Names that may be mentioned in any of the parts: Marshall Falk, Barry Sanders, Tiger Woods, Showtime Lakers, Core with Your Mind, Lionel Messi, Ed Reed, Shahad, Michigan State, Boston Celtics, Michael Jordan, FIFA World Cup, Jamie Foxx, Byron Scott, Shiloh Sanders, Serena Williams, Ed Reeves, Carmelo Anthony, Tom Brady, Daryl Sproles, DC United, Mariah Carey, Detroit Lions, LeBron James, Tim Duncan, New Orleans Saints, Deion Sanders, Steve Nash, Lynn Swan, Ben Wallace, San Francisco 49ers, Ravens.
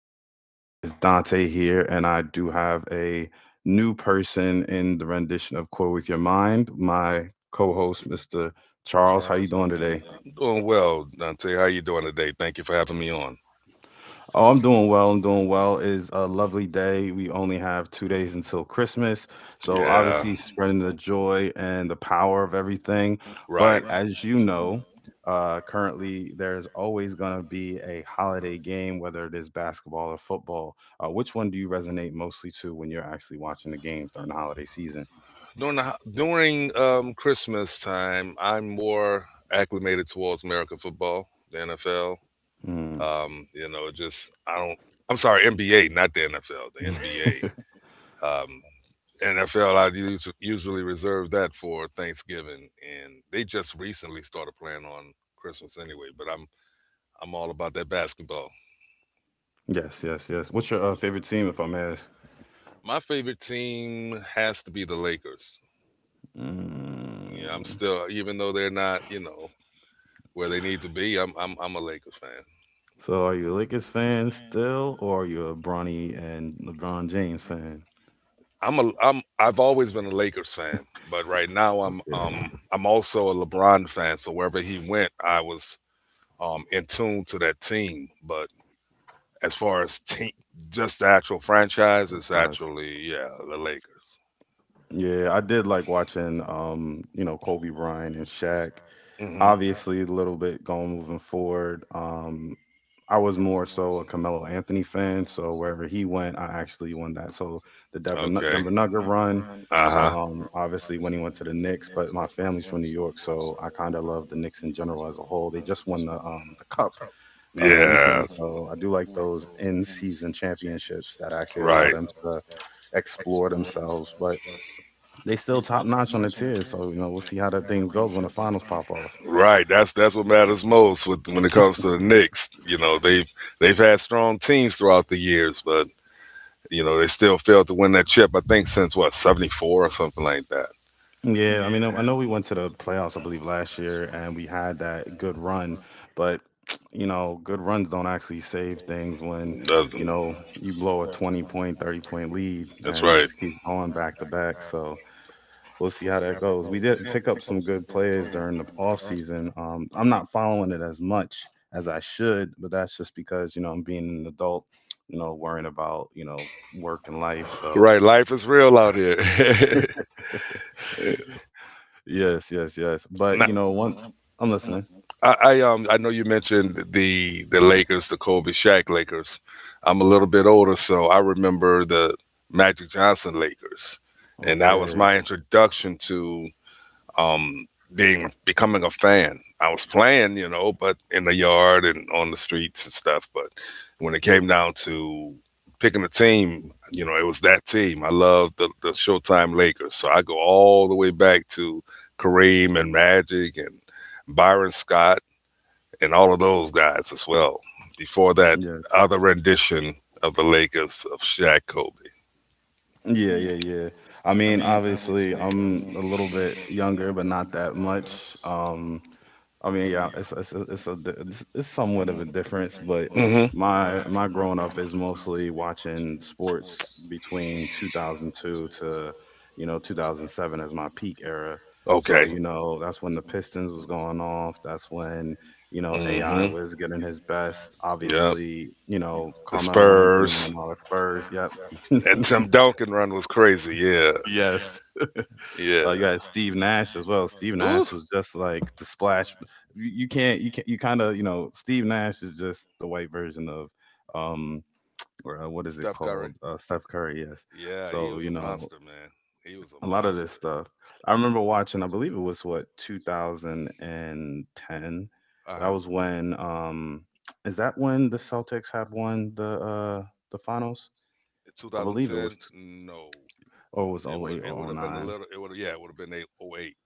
today. My name is Dante here, and I do have a new person in the rendition of Core with Your Mind, my co-host, Mr. Charles. How you doing today? Doing well, Dante. How you doing today? Thank you for having me on. Oh, I'm doing well. I'm doing well. It's a lovely day. We only have 2 days until Christmas. So, Yeah, obviously, spreading the joy and the power of everything. right. But as you know, currently there's always going to be a holiday game, whether it is basketball or football. Which one do you resonate mostly to when you're actually watching the games during the holiday season? During the, ho- During Christmas time, I'm more acclimated towards American football, the NFL. Mm. You know, it just I don't. I'm sorry, NBA, not the NFL. The NBA. NFL, usually reserve that for Thanksgiving, and they just recently started playing on Christmas anyway. But I'm all about that basketball. Yes, yes, yes. What's your favorite team, if I may ask? My favorite team has to be the Lakers. Yeah, I'm Mm. still, even though they're not, you know, where they need to be. I'm a Lakers fan. So are you a Lakers fan still, or are you a Bronny and LeBron James fan? I've always been a Lakers fan, but right now Okay, I'm also a LeBron fan. So wherever he went, I was, in tune to that team. But as far as team, just the actual franchise, that's it's nice. actually, yeah, the Lakers. Yeah, I did like watching, Kobe Bryant and Shaq. Hmm Obviously, a little bit going moving forward. I was more so a Carmelo Anthony fan, so wherever he went, I actually won that. So the Okay. Denver Nugget run, Uh huh. Obviously when he went to the Knicks, but my family's from New York, so I kind of love the Knicks in general as a whole. They just won the cup Yeah. recently. So I do like those in season championships that actually allow Right. them to explore themselves, but they still top notch on the tier. So, you know, we'll see how that thing goes when the finals pop off. Right. That's what matters most with when it comes to the Knicks. You know, they've had strong teams throughout the years, but you know, they still failed to win that chip, I think since what, '74 or something like that. Yeah, I mean, I know we went to the playoffs, I believe, last year, and we had that good run, but. You know, good runs don't actually save things when, you Doesn't know, you blow a 20 point, 30 point lead That's and it right. just keeps going back to back. So, we'll see how that goes. We did pick up some good players during the off season. I'm not following it as much as I should, but that's just because I'm being an adult, worrying about work and life. So Right. Life is real out here. breaks. yes, yes, yes. But you Nah, know, one, I'm listening. I know you mentioned the Lakers, the Kobe Shaq Lakers. I'm a little bit older, so I remember the Magic Johnson Lakers, and that was Okay. my introduction to um being becoming a fan. I was playing, you know, but in the yard and on the streets and stuff. But when it came down to picking a team, you know, it was that team. I loved the Showtime Lakers, so I go all the way back to Kareem and Magic and Byron Scott and all of those guys as well. Before that Yes. other rendition of the Lakers of Shaq Kobe. Yeah, yeah, yeah. I mean, obviously, I'm a little bit younger, but not that much. Um, I I mean, yeah, mean, it's it's a- yeah, it's it's, a di- it's, it's, it's, it's it's, it's somewhat of a somewhat of a difference, but difference. my growing up is mostly watching sports between 2002 to 2007 as my peak era. Mm-hmm. So Okay. That's when the Pistons was going off. That's when AI Mm-hmm. was getting his best. Yep. Obviously, The Carmelo Anthony Spurs. and all the Spurs. Yep. That Tim Duncan run was crazy. Yeah. Yes. Uh, Yeah. you had Steve Steve Nash as Nash as well. Steve well. Ooh. Nash was just like the splash. You can't, you can't, you kind of, you know, Steve Nash is just the white version of, um, or what is it Steph called? Curry. Steph Curry, yes. Yeah, he So, was a monster, man. He was a a lot of this monster. stuff. I remember watching, I believe it was what, 2010. Uh That was huh. when, is that when the Celtics had won the finals? In I believe it was, 2010, no, or it was it oh would 08 it or would oh have been a 09. little. It would have, yeah, it would have been eight oh eight,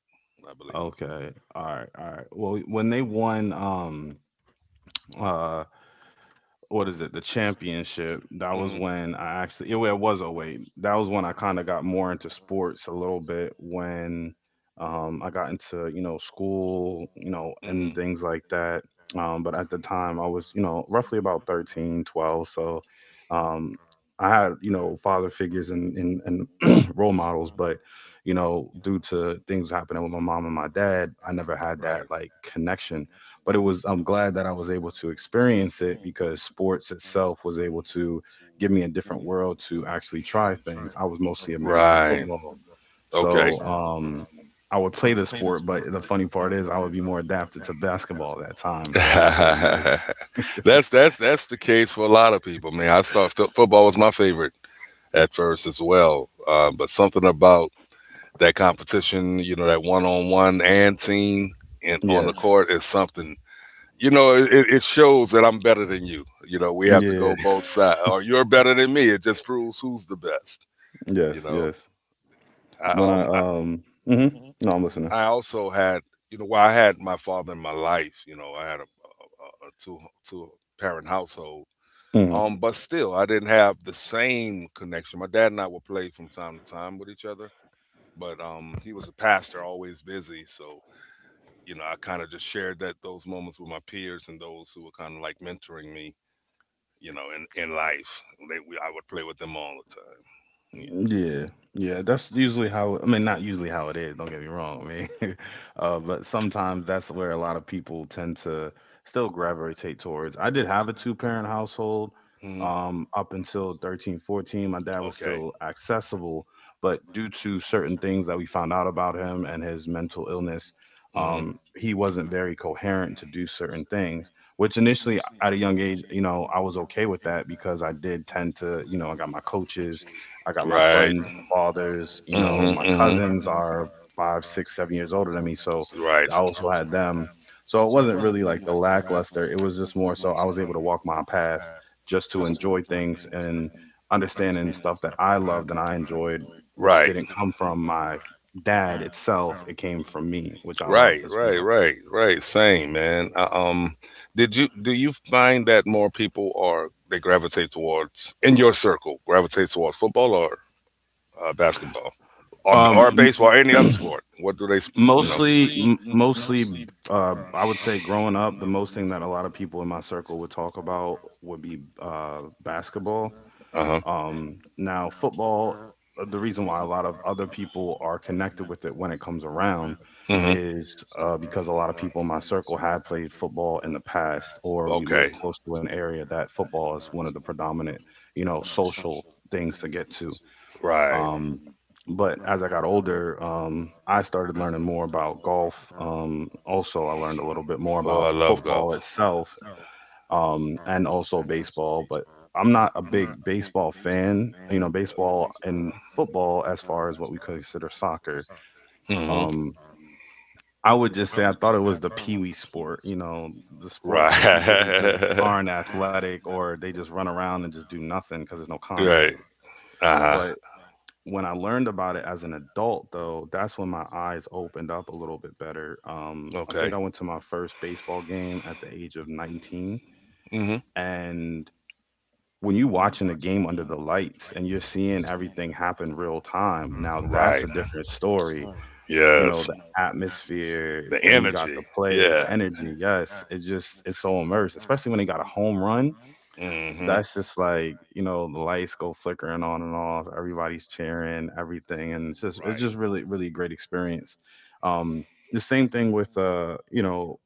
I believe. Okay. All right. All right. Well, when they won uh what is it, the championship, that was Hmm when I actually, it was oh 08 that was when I kind of got more into sports a little bit when I got into school hmm and things like that. But at the time I was roughly about 13, 12. So, um, I had father figures and role models, but due to things happening with my mom and my dad I never had Right. that like connection. But it was, I'm glad that I was able to experience it because sports itself was able to give me a different world to actually try things. I was mostly American Right. football. Okay. So I would play the sport, but the funny part is I would be more adapted to basketball at that time, so it was really nice. That's that's the case for a lot of people, man. I thought football was my favorite at first as well, but something about that competition, you know, that one on one and team and on the Yes. court is something. You know, it shows that I'm better than you. You know, we have to Yeah. go both sides, or you're better than me. It just proves who's the best. You Yes, know, yes. I, When I um, I, Mhm. No, I'm listening. I also had, you know, well, I had my father in my life. You know, I had a two parent household. Mm-hmm. But still, I didn't have the same connection. My dad and I would play from time to time with each other, but he was a pastor, always busy. So you know, I kind of just shared that those moments with my peers and those who were kind of like mentoring me, you know, in life. I would play with them all the time. Yeah, yeah, that's usually how, I mean, not usually how it is, don't get me wrong. I mean, but sometimes that's where a lot of people tend to still gravitate towards. I did have a two-parent household Yeah. hmm up until 13, 14. My dad was Okay. still accessible, but due to certain things that we found out about him and his mental illness, hmm he wasn't very coherent to do certain things, which initially at a young age, you know, I was okay with that because I did tend to, you know, I got my coaches. I got my Right. friends' fathers, hmm my hmm cousins are 5, 6, 7 years older than me. So Right. I also had them. So it wasn't really like the lackluster. It was just more so I was able to walk my path just to enjoy things and understanding stuff that I loved and I enjoyed, which Right. didn't come from my dad itself. It came from me, which I Right, loved as right, well. right, right. Same, man. Did you do you find that more people are they gravitate towards in your circle gravitate towards football or basketball or Um, baseball or any other sport? What do they, s- you know? mostly, I would say growing up, the most thing that a lot of people in my circle would talk about would be basketball. Uh huh. Now, football, the reason why a lot of other people are connected with it when it comes around Mm-hmm. is because a lot of people in my circle had played football in the past, or we Okay. live close to an area that football is one of the predominant, you know, social things to get to. Right. Um, but as I got older, I started learning more about golf. Also, I learned a little bit more Oh, I about love golf. football Football. So itself and also baseball. But I'm not a I'm not a big big baseball baseball fan. fan. You know, You know, baseball and football, as far as what we consider soccer. Um, I would just say I thought it was the pee-wee sport, the Baseball. sport for Fan. people who just Mm-hmm. Right. aren't athletic or they just run around and just do nothing because there's no Right. contact. Uh-huh. But when I learned about it as an adult, though, that's when my eyes opened up a little bit better. I Okay. think I went to my first baseball game at the age of 19. hmm And when you watching the game under the lights and you're seeing everything happen real time, now Right. that's a different story. You know, Yes. the atmosphere, The then you got energy. the players, Yeah. the energy. Yes, it just, it's so immersed, especially when they got a home run hmm that's just like the lights go flickering on and off, everybody's cheering everything, and it's just it's Right. just really really great experience. um the same thing with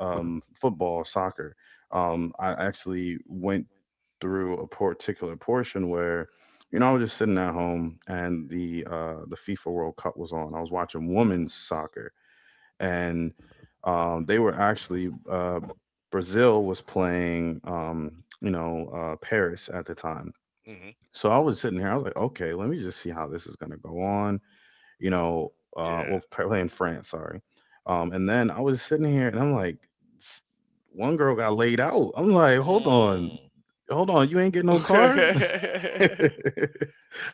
football, soccer. I actually went through a particular portion where I was just sitting at home, and the FIFA World Cup was on. I was watching women's soccer, and they were actually Brazil was playing, Paris at the time. hmm So I was sitting here. I was like, okay, let me just see how this is going to go on. You know, Yeah. well, playing France, sorry. And then I was sitting here, and I'm like, s- one girl got laid out. I'm like, hold on, Mm. hold on, you ain't get no card. Okay.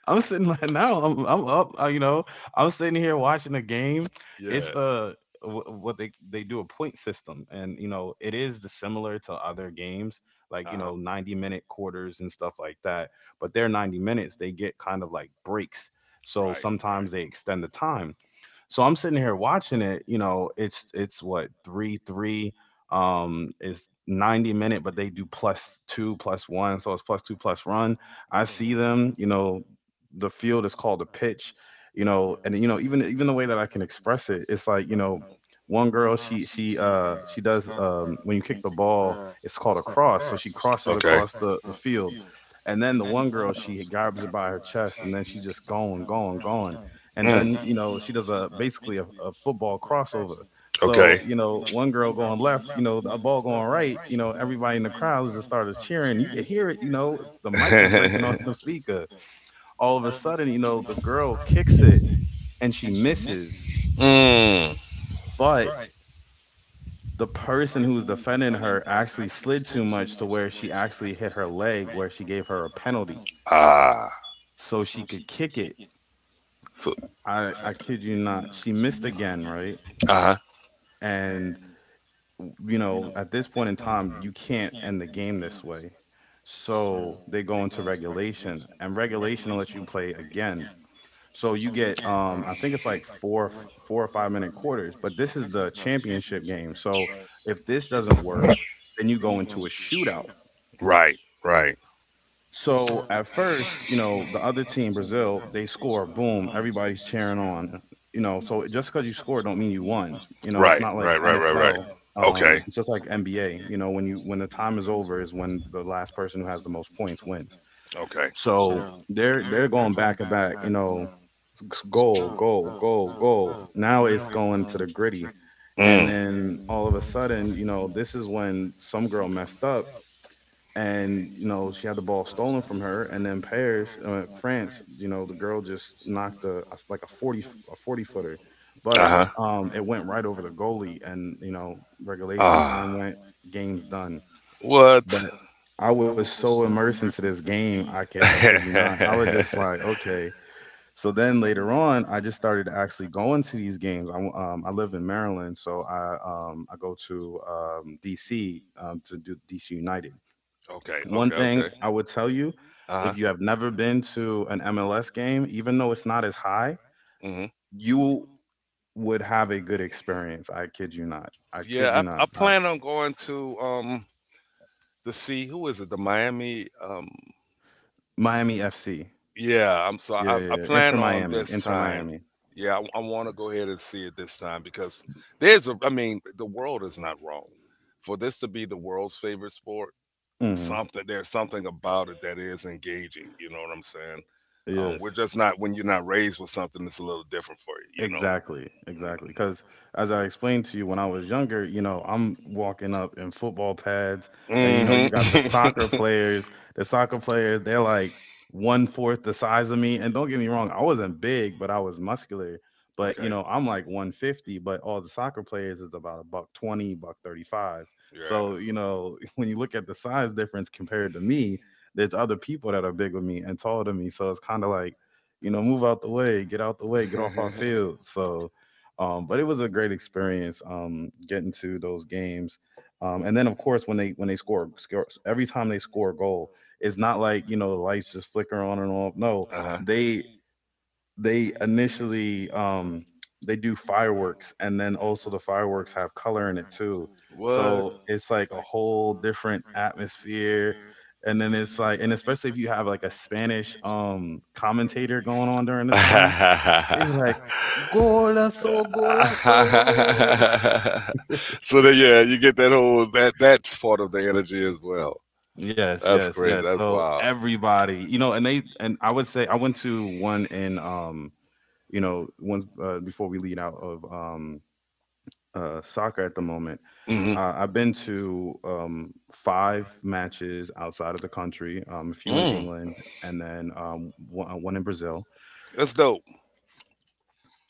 I'm sitting like now I'm up. I'm sitting here watching a game. It's yeah. What they do a point system, and it is the similar to other games, like Uh-huh. 90-minute quarters and stuff like that, but their 90 minutes they get kind of like breaks, so Right. Right. sometimes they extend the time. So I'm sitting here watching it. You know, it's what three three is 90 minute, but they do plus two plus one, so it's plus two plus run. I see them. You hmm know, the field is called a pitch. You know, and even the way that I can express it, it's like. One girl, she does when you kick the ball, it's called a cross. So she crosses Okay. across the field, and then the one girl, she grabs it by her chest, and then she's just going, going, going. And Mm. then she does a basically a football crossover. So Okay. One girl going left, the ball going right, everybody in the crowd just started cheering. You could hear it, the mic is breaking on the speaker. All of a sudden, you know the girl kicks it and she misses, Mm. but the person who's defending her actually slid too much to where she actually hit her leg, where she gave her a penalty, Ah. so she could kick it. So, I kid you not, she missed again, right? uh huh. And you know, at this point in time, you can't end the game this way. So they go into regulation, and regulation lets you play again. So you get, I think it's like 4 or 5 minute quarters, but this is the championship game. So if this doesn't work, then you go into a shootout. Right. Right. So at first, you know, the other team, Brazil, they score, boom, everybody's cheering on. You know, so just because you score don't mean you won. You know, it's Right. not like Right. Right. Right. Right. NFL. Okay. It's just like NBA. You know, when you when the time is over is when the last person who has the most points wins. Okay. So they're going back and back. You know, goal, goal, goal, goal. Now it's going to the gritty, and Mm. then all of a sudden, you know, this is when some girl messed up and you know she had the ball stolen from her, and then Paris, France, you know the girl just knocked a like a 40 a 40 footer. Uh But huh. It went right over the goalie, and you know regulation time Ah. went, game's done. But What? I was so immersed into this game, I kid you not, I was okay. just like, okay. So then later on I just started actually going to these games. I live in Maryland, so I go to DC to do DC United. Okay. One thing Okay. I would tell you, Uh if you have never been to an MLS game, even though it's not as high, huh. you would have a good experience. I kid you not. I kid you Yeah, not. I I, plan on going to the sea. Who is it? The Miami. Miami FC. Yeah, Yeah, yeah, I yeah. Inter plan on Miami. this Inter time. Miami. Yeah, I want to go ahead and see it this time because there's a. I mean, the world is not wrong. For this to be the world's favorite sport, Hmm. something there's something about it that is engaging. You know what I'm saying? We're Yes. just not when you're not raised with something that's a little different for you. You know. Exactly, exactly. Because as I explained to you when I was younger, you know, I'm walking up in football pads, and you know, you got the soccer Mm-hmm. players. The soccer players, they're like one fourth the size of me. And don't get me wrong, I wasn't big, but I was muscular. But you okay. know, I'm like 150, but all the soccer players is about a buck 20, buck 35. Yeah. So you know, when you look at the size difference compared to me, there's other people that are bigger than me and taller than me. So it's kind of like, you know, move out the way, get out the way, get off our uh field. But it was a great experience getting to those games. And then, of course, when they score, score, every time they score a goal, it's not like, you know, the lights just flicker on and off. No, huh. they they initially they do fireworks, and then also the fireworks have color in it too, What? so it's like a whole different atmosphere. And then it's like, and especially if you have like a Spanish commentator going on during the time, it was like, golazo, golazo. so then, yeah, you get that whole that's part of the energy as well. Yes, That's yes, crazy. yes. That's So wild. everybody, you know, and they, and I would say I went to one in you know once, before we lead out of soccer at the moment. Hmm I've been to five matches outside of the country, a few in Mm. England, and then one, one in Brazil. That's dope.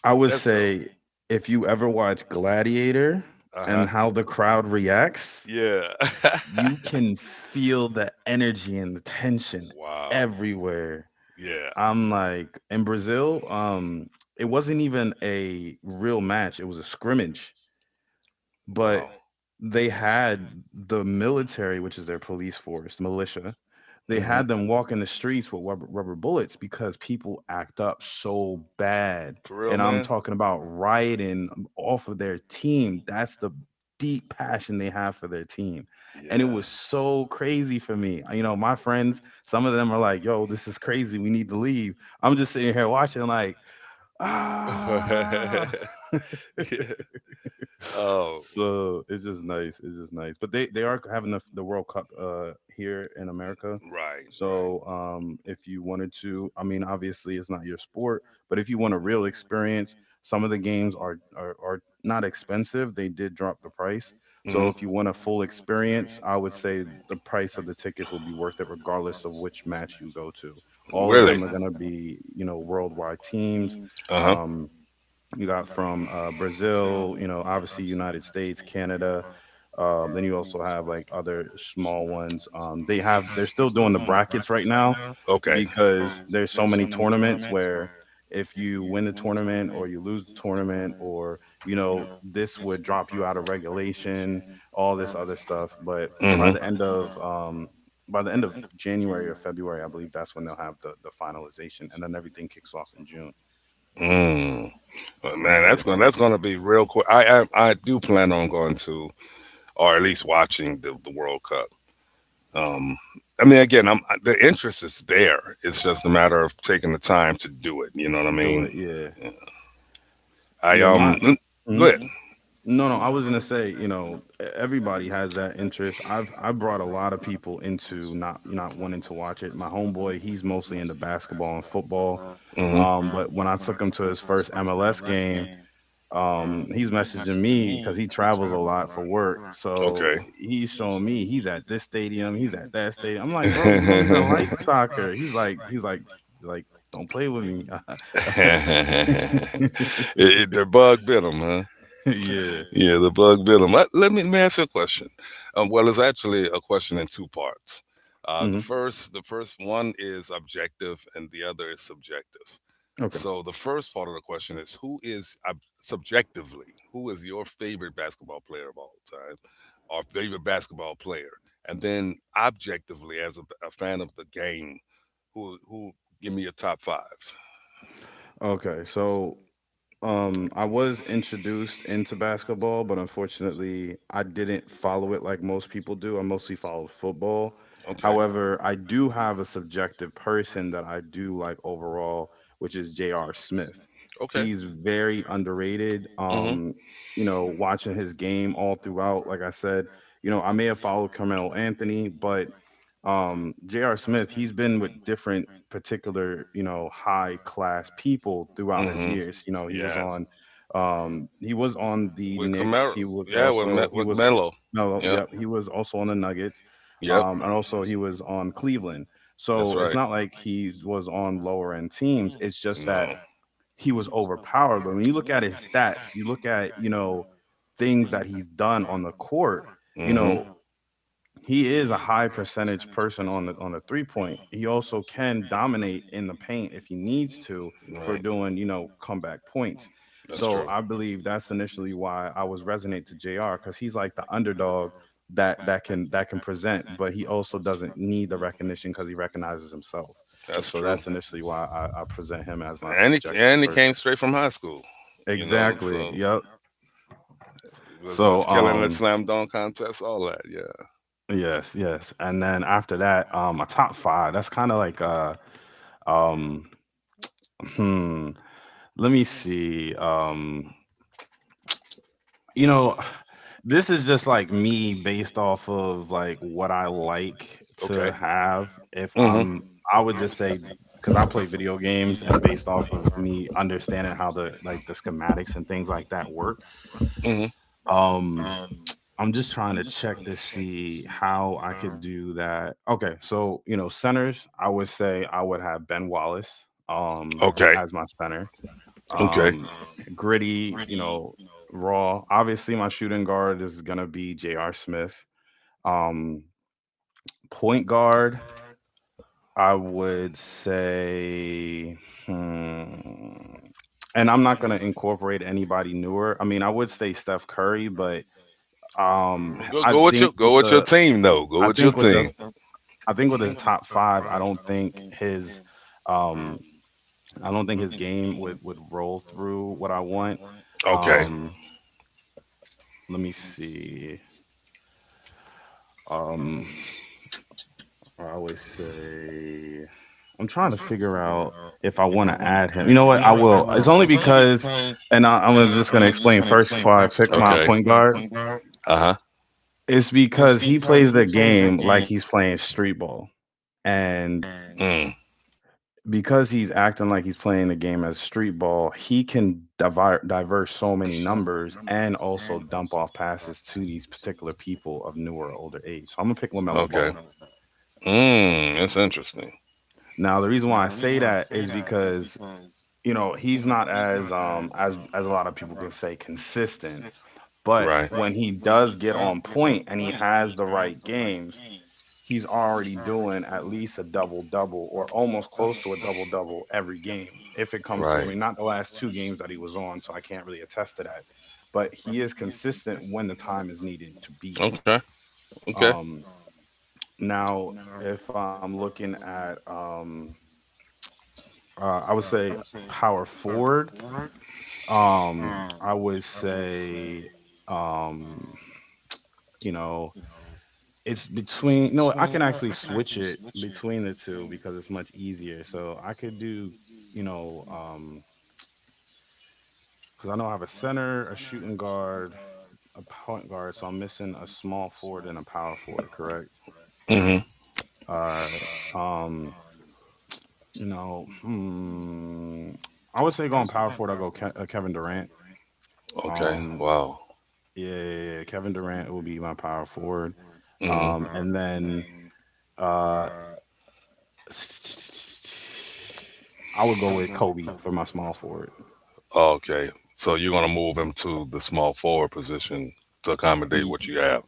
I would That's dope. say if you ever watch Gladiator Uh and huh. how the crowd reacts, Yeah. you can feel the energy and the tension wow. everywhere. Yeah. I'm like, in Brazil, it wasn't even a real match; it was a scrimmage. But they had the military, which is their police force, the militia. They but had them walk in the streets with rubber bullets because people act up so bad. For real, And I'm talking about rioting off of their team. That's the deep passion they have for their team. It And it was yeah. so crazy for me. You know, my friends, some of them are like, yo, this is crazy. We need to leave. I'm just sitting here watching, like, ah. You know, yeah. Oh. So it's just nice. It's just nice. But they are having the World Cup here in America. So if you wanted to, I mean, obviously it's not your sport, but if you want a real experience, some of the games are not expensive. They did drop the price. So if Mm-hmm. you want a full experience, I would say the price of the tickets will be worth it regardless of which match you go to. All of them are going to be, you know, worldwide teams. Uh Um, you got from Brazil, you know, obviously United States, Canada. Then you also have like other small ones. They have, they're still doing the brackets right now, Okay. because there's so many tournaments where if you win the tournament or you lose the tournament, or you know this would drop you out of regulation, all this other stuff. But by hmm the end of by the end of January or February, I believe that's when they'll have the finalization, and then everything kicks off in June. Mm. But man, Yeah, that's gonna be real quick. I do plan on going to or at least watching the World Cup. Um, I mean, again, the interest is there. It's just a matter of taking the time to do it. You know what I do mean? it. Yeah. Yeah. I Yeah, my mm, go mhm. ahead. No, no, I was gonna say, you know, everybody has that interest. I've brought a lot of people into not wanting to watch it. My homeboy, he's mostly into basketball and football. Hmm hmm But when I took him to his first MLS game, he's messaging me because he travels a lot for work. So Okay. he's showing me, he's at this stadium, he's at that stadium. I'm like, it's a bro, you don't even like great soccer. Like, don't play with me. it, it- the bug bit him, huh? Yeah. Yeah, the bug bit him. Let me ask you a question. Well, it's actually a question in two parts. Mm-hmm. The first one is objective, and the other is subjective. Okay. So the first part of the question is, subjectively, who is your favorite basketball player of all time, or favorite basketball player? And then objectively, as a fan of the game, who give me your top five? Okay. So, I was introduced into basketball, but unfortunately, I didn't follow it like most people do. I mostly followed football. Okay, However, I do have a subjective person that I do like overall, which is J.R. Smith. okay. He's very underrated. Mm-hmm. You know, watching his game all throughout, like I said, you know, I may have followed Carmelo Anthony, but J.R. Smith, he's been with different particular, you know, high class people throughout his Mm-hmm. years. You know, Yes. He was on the With Knicks. Camaro. He was Yeah, with also he with was Melo. No, Yep. yep, he was also on the Nuggets. Yep. And also he was on Cleveland. That's So it's right. not like he was on lower end teams. It's just that No. he was overpowered. But when you look at his stats, you look at, you know, things that he's done on the court, you Mm-hmm. know, he is a high percentage person on the 3 point. He also can dominate in the paint if he needs to, for Right. doing, you know, comeback points. That's So true. I believe that's initially why I was resonate to JR, because he's like the underdog that that can, present, but he also doesn't need the recognition because he recognizes himself. That's So true. that's initially why I present him as my subjective And he came person. straight from high school. You know, Exactly. so Yep. it was So just killing the slam dunk contest, all that. Yeah. yes, yes, and then after that, a top five. That's kind of like Um, hmm. Let me see. You know, this is just like me based off of like what I like Okay. to have. If hmm I'm, I would just say, because I play video games, and based off of me understanding how the, like the schematics and things like that, work. hmm Um, I'm just trying to check to see how I could do that. Okay, so you know, centers, I would say I would have Ben Wallace Okay. as my center. Okay. um, Gritty, you know, raw. Obviously, my shooting guard is going to be J.R. Smith. Um, Point guard, I would say, hmm, and I'm not going to incorporate anybody newer. I mean, I would say Steph Curry, but Well, Go I think go with with your the, team though. Go I with your think with the, team. I think with the top five, I don't think um, I don't think his game would roll through what I want. Okay. Um, Let me see. Um, I always say, I'm trying to figure out if I want to add him. You know what? I will. It's only because, and I'm just gonna explain first before I pick my Okay. point guard. Uh huh. It's because he plays the game like he's playing street ball, and Mm. because he's acting like he's playing the game as street ball, he can divert so many numbers and also dump off passes to these particular people of newer, older age. So I'm gonna pick Lamelo Okay. Ball. Mm. That's interesting. Now, the reason why I say that is because he's not as a lot of people can say consistent, but Right. when he does get on point and he has the right games, he's already doing at least a double double or almost close to a double double every game if it comes to. I Right. mean, not the last two games that he was on, so I can't really attest to that, but he is consistent when the time is needed to be. Okay. Okay. Um, now, if I'm looking at I would say power forward. I would say, um, you know, it's between. No, I can actually switch it between the two because it's much easier. So I could do, you know, um, because I know I have a center, a shooting guard, a point guard. So I'm missing a small forward and a power forward. Correct. hmm All right. Um, you know, hmm, I would say going power forward. I'll go Kevin Durant. Okay. Um, Wow. Yeah, yeah, yeah. Kevin Durant will be my power forward. Hmm And then uh, I would go with Kobe for my small forward. Okay. So you're gonna move him to the small forward position to accommodate Y- what you have.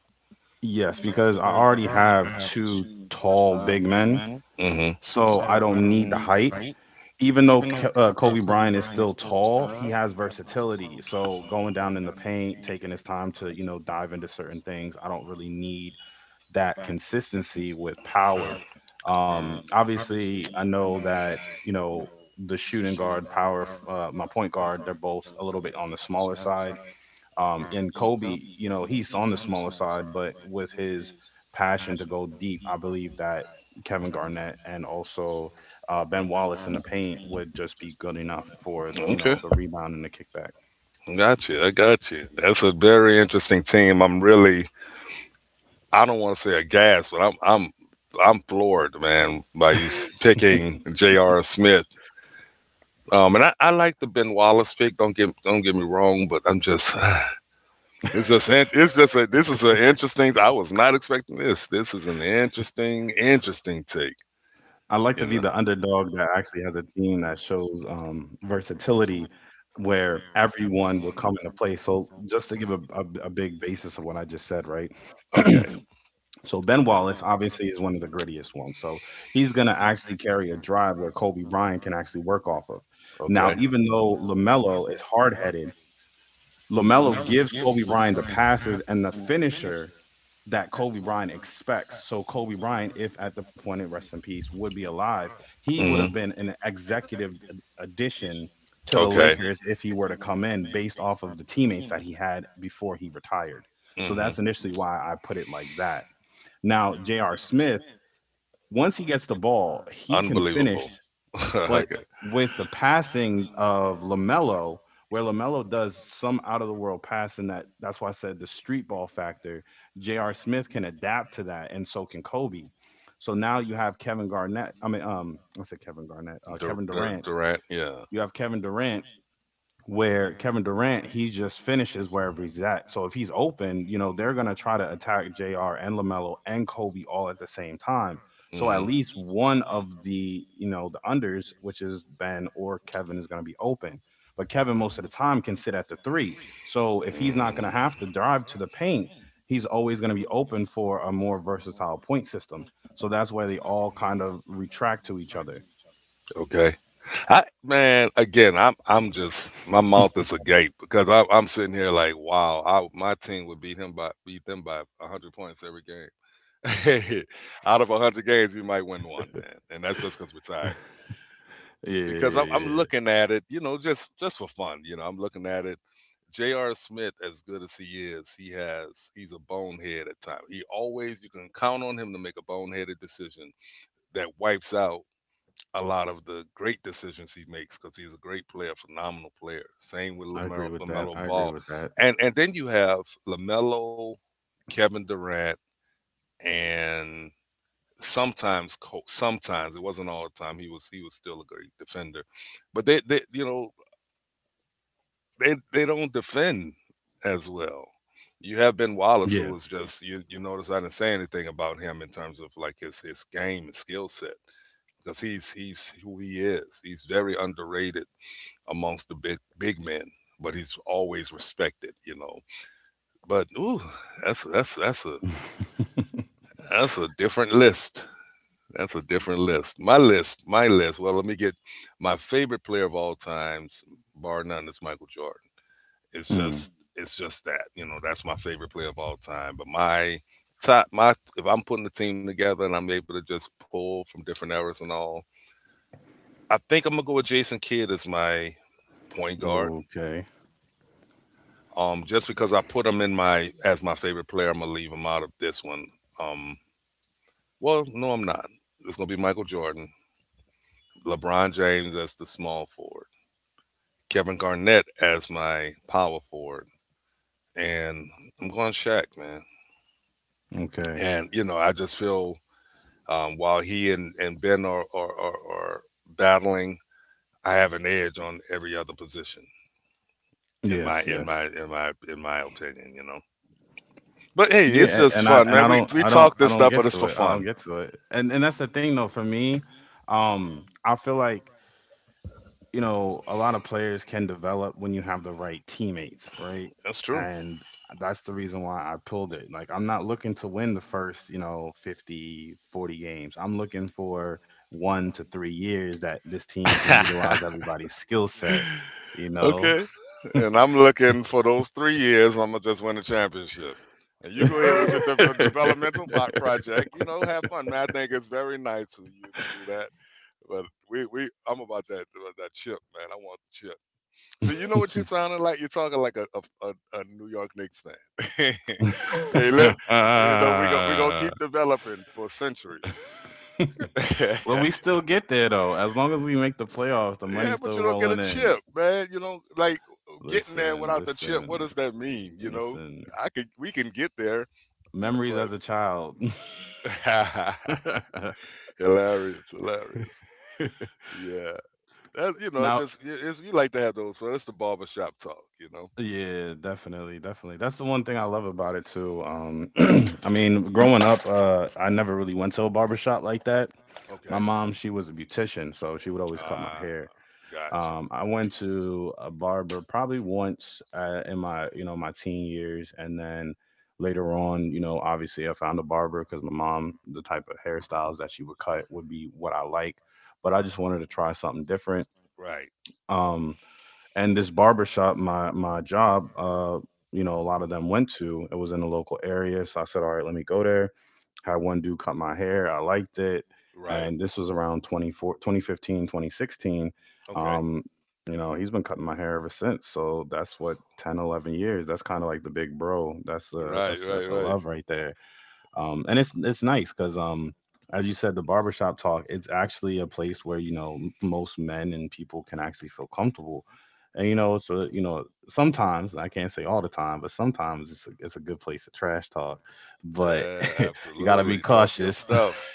yes, because I already have two tall big men, Hmm so I don't need the height. Even though Kobe Bryant is still tall, he has versatility. So going down in the paint, taking his time to dive into certain things, I don't really need that consistency with power. Obviously, I know that the shooting guard, power, my point guard, they're both a little bit on the smaller side. And Kobe, you know, he's on the smaller side, but with his passion to go deep, I believe that Kevin Garnett and also Ben Wallace in the paint would just be good enough for Okay. The rebound and the kickback. Got you. I got you. That's a very interesting team. I'm really. I don't want to say aghast, but I'm. I'm. I'm floored, man, by you picking J.R. Smith. And I like the Ben Wallace pick. Don't get me wrong, but I'm just It's just in- it's just a this is an interesting. I was not expecting this. This is an interesting take. I like to You be know. the underdog that actually has a team that shows versatility where everyone will come into play. So, just to give a big basis of what I just said, right? Okay. So, Ben Wallace obviously is one of the grittiest ones. So, he's going to actually carry a drive where Kobe Bryant can actually work off of. Now, Okay. even though LaMelo is hard headed, LaMelo gives Kobe Bryant the passes and the finisher that Kobe Bryant expects. So Kobe Bryant, if at the point of rest in peace, would be alive, he would have hmm been an executive addition to the Okay. Lakers if he were to come in based off of the teammates that he had before he retired. So hmm that's initially why I put it like that. Now, J.R. Smith, once he gets the ball, he can finish, Unbelievable. but okay. with the passing of LaMelo, where LaMelo does some out of the world passing, that's why I said the street ball factor, J.R. Smith can adapt to that and so can Kobe. So now you have Kevin Garnett, I said Kevin Garnett, Kevin Durant. Durant. Yeah. You have Kevin Durant where Kevin Durant, he just finishes wherever he's at. So if he's open, you know, they're going to try to attack JR and LaMelo and Kobe all at the same time. So at hmm least one of the unders, which is Ben or Kevin, is going to be open. But Kevin, most of the time, can sit at the three. So if he's not going to Mm, have to drive to the paint, he's always going to be open for a more versatile point system. So that's why they all kind of retract to each other. okay. I man, again, I'm just my mouth yeah, is agape because I'm sitting here like, wow, I, my team would beat him by beat them by hundred points every game. Out of hundred games, you might win one, man, and that's just because we're yeah, tired. yeah, Because I'm yeah. looking at it, you know, just for fun, you know, I'm looking at it. J.R. Smith, as good as he is, he's a bonehead at times. He always you can count on him to make a boneheaded decision that wipes out a lot of the great decisions he makes because he's a great player, phenomenal player. Same with I agree Lamelo, with that. LaMelo I agree Ball, with that. And then you have Lamelo, Kevin Durant, and sometimes sometimes it wasn't all the time. He was still a great defender, but they you know they don't defend as well. You have Ben Wallace, who Yeah. is just you. You notice I didn't say anything about him in terms of like his game and skill set because he's who he is. He's very underrated amongst the big men, but he's always respected, you know. But ooh, that's that's that's a that's a different list. That's a different list. My list. Well, let me get my favorite player of all times, bar none, is Michael Jordan. Hmm. It's just that you know that's my favorite player of all time. But my top my if I'm putting the team together and I'm able to just pull from different eras and all, I think I'm gonna go with Jason Kidd as my point guard. Okay. Just because I put him in my as my favorite player, I'm gonna leave him out of this one. Um, well, no, I'm not. It's gonna be Michael Jordan, LeBron James as the small forward, Kevin Garnett as my power forward, and I'm going Shaq, man. Okay. And you know, I just feel while he and Ben are battling, I have an edge on every other position in my Yes. in my Yes. in my in my opinion, you know. But hey, it's Yeah. a- just fun, and man. I We don't we I don't talk I this don't stuff, get but it's to for it. I don't fun. get to it. And that's the thing though for me. I feel like a lot of players can develop when you have the right teammates, right? That's true. And that's the reason why I pulled it. Like I'm not looking to win the first, 50, 40 games. I'm looking for 1 to 3 years that this team can utilize everybody's skill set, you know, Okay. And I'm looking for those 3 years. I'm gonna just win a championship. And you go ahead with your developmental project. You know, have fun, man. I think it's very nice of you to do that. But I'm about that chip, man. I want the chip. So you know what you're sounding like? You're talking like a, a New York Knicks fan. Hey, look, you know we gonna keep developing for centuries. well, we still get there though. As long as we make the playoffs, the Yeah, money's but you still don't get a rolling chip, in. man. You don't like getting there Listen, without the chip. listen, What does that mean? You know, listen. I could we can get there, Memories but as a child. hilarious, hilarious. Yeah, that's now, just it's, you like to have those. So that's the barbershop talk, you know. yeah, definitely, definitely. That's the one thing I love about it too. I mean, growing up, I never really went to a barber shop like that. My Okay, mom, she was a beautician, so she would always cut my ah, hair. gotcha. I went to a barber probably once in my you know my teen years, and then later on, you know, obviously I found a barber because my mom, the type of hairstyles that she would cut would be what I like, but I just wanted to try something different. Right, Um, and this barber shop, my job, you know, a lot of them went to. It was in the local area, so I said, all right, let me go there. Had one dude cut my hair. I liked it. right. And this was around 24, 2015, 2016. Okay, Um, you know, he's been cutting my hair ever since. So that's what 10, 11 years. That's kind of like the big bro. That's a right, that's that's right, a right. love right there. And it's nice because as you said, the barbershop talk. It's actually a place where most men and people can actually feel comfortable. And you know, sometimes I can't say all the time, but sometimes it's a good place to trash talk. But Yeah, you got to be absolutely. Talk your cautious. stuff.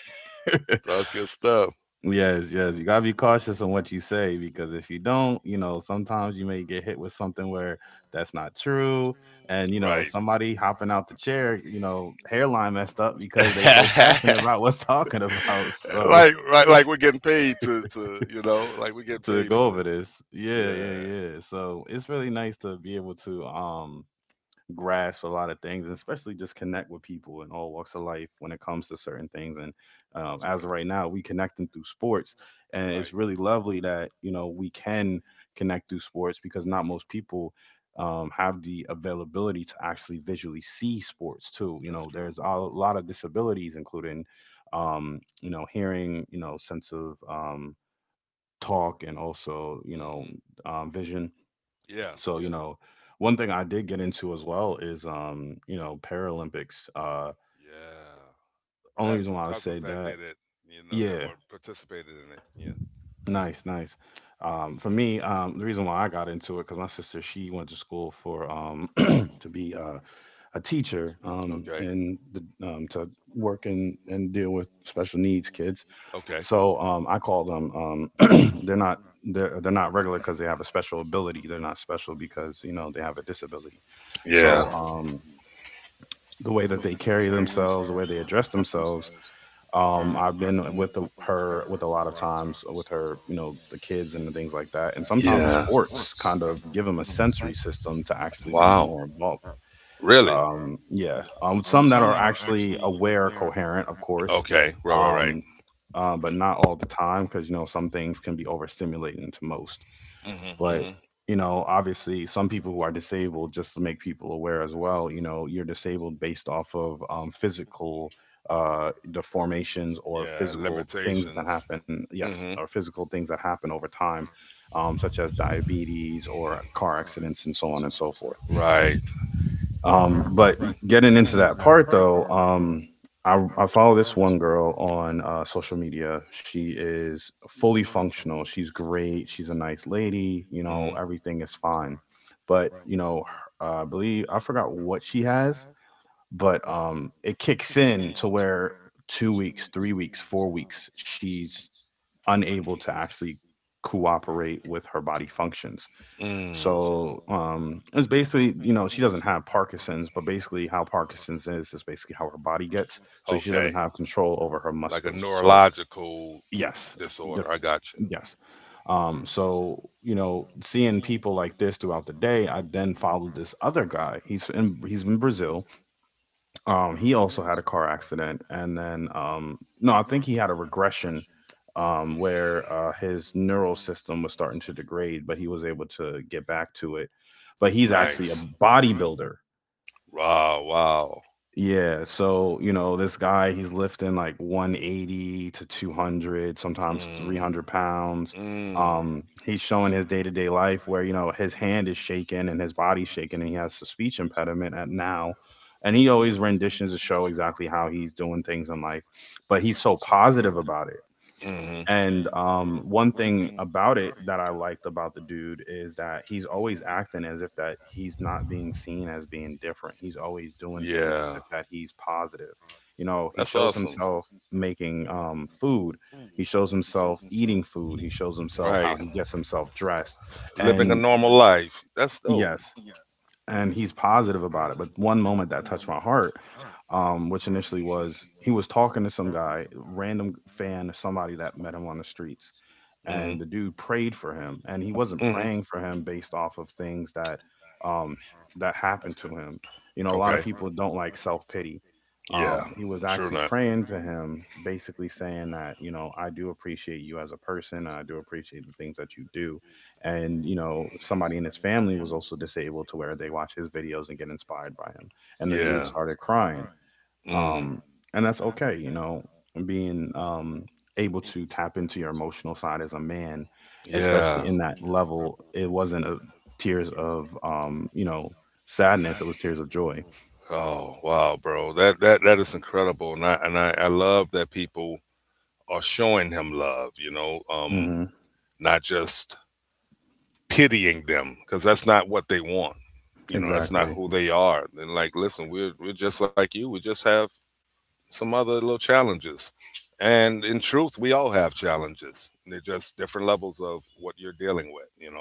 Talk your stuff. yes, yes, you got to be cautious on what you say because if you don't, you know, sometimes you may get hit with something where that's not true and you know, Right. somebody hopping out the chair, you know, hairline messed up because they so passionate about what's talking about. So, Like, right, like we're getting paid to, like we're getting to paid go for over this. this. Yeah, yeah, Yeah, yeah. So, it's really nice to be able to grasp a lot of things, and especially just connect with people in all walks of life when it comes to certain things. And that's as of right. right now, we connecting through sports, and it's Right. really lovely that we can connect through sports because not most people have the availability to actually visually see sports too. You know, That's there's true. a lot of disabilities, including you know hearing, you know, sense of talk, and also Hmm. Vision, Yeah. so, you Yeah. know, one thing I did get into as well is, you know, Paralympics. Yeah. I Only had reason why some I would say cousins that that, did it, you know, that yeah, were participated in it. Yeah. nice, nice. For me, the reason why I got into it because my sister she went to school for to be a teacher, Okay. and to work and deal with special needs kids. Okay. So I call them they're not regular because they have a special ability. They're not special because you know they have a disability. Yeah. So the way that they carry themselves, the way they address themselves. I've been with the, her with a lot of times with her, you know, the kids and the things like that. And sometimes Yeah. sports kind of give them a sensory system to actually be Wow. more involved. Really? Yeah, some that are actually aware, coherent, of course, Okay. Right. Right. Right. um, but not all the time because you know some things can be overstimulating to most, Mm-hmm. but Mm-hmm. you know obviously some people who are disabled, just to make people aware as well, you know you're disabled based off of physical deformations or Yeah. physical things that Limitations. happen, yes, or Mm-hmm. physical things that happen over time, such as diabetes or car accidents and so on and so forth, Right. But getting into that part though, I follow this one girl on social media. She is fully functional. She's great. She's a nice lady. You know, Mm-hmm. everything is fine. But, you know, I believe I forgot what she has, but it kicks in to where 2 weeks, 3 weeks, 4 weeks, she's unable to actually cooperate with her body functions, Mm. so it's basically, you know, she doesn't have Parkinson's, but basically how Parkinson's is basically how her body gets. So she doesn't Okay. have control over her Like a muscles. So neurological yes, disorder. def- I got you. yes. So you know, seeing people like this throughout the day, I then followed this other guy. He's in Brazil, he also had a car accident, and then no, I think he had a regression where his neural system was starting to degrade, but he was able to get back to it. But he's actually Nice. a bodybuilder, Wow. Wow. yeah, so you know, this guy he's lifting like 180 to 200, sometimes Mm. 300 pounds. Mm. He's showing his day-to-day life where you know his hand is shaking and his body's shaking, and he has a speech impediment at now. And he always renditions to show exactly how he's doing things in life, but he's so positive about it. Mm-hmm. And One thing about it that I liked about the dude is that he's always acting as if that he's not being seen as being different. He's always doing things Yeah. as if that he's positive. You know, That's he shows awesome. himself making food. He shows himself eating food. He shows himself Right. how he gets himself dressed. Living a And normal life. That's dope. yes, and he's positive about it. But one moment that touched my heart, which initially was he was talking to some guy, random fan, somebody that met him on the streets, Mm-hmm. and the dude prayed for him, and he wasn't Mm-hmm. praying for him based off of things that um that happened to him. You know, a lot Okay. of people don't like self-pity. Pity. Yeah. He was True actually that. praying to him, basically saying that, you know, I do appreciate you as a person, I do appreciate the things that you do, and you know, somebody in his family was also disabled, to where they watch his videos and get inspired by him, and They. the dude Yeah. started crying. All. Mm. um, and that's okay. You know, being able to tap into your emotional side as a man, Yeah. especially in that level, it wasn't a tears of sadness; it was tears of joy. Oh wow, bro. That that is incredible, and I love that people are showing him love. You know, mhm. hmm Not just pitying them because that's not what they want. You know, that's not Exactly. who they are. And like, listen, we're just like you. We just have some other little challenges. And in truth, we all have challenges. They're just different levels of what you're dealing with, you know.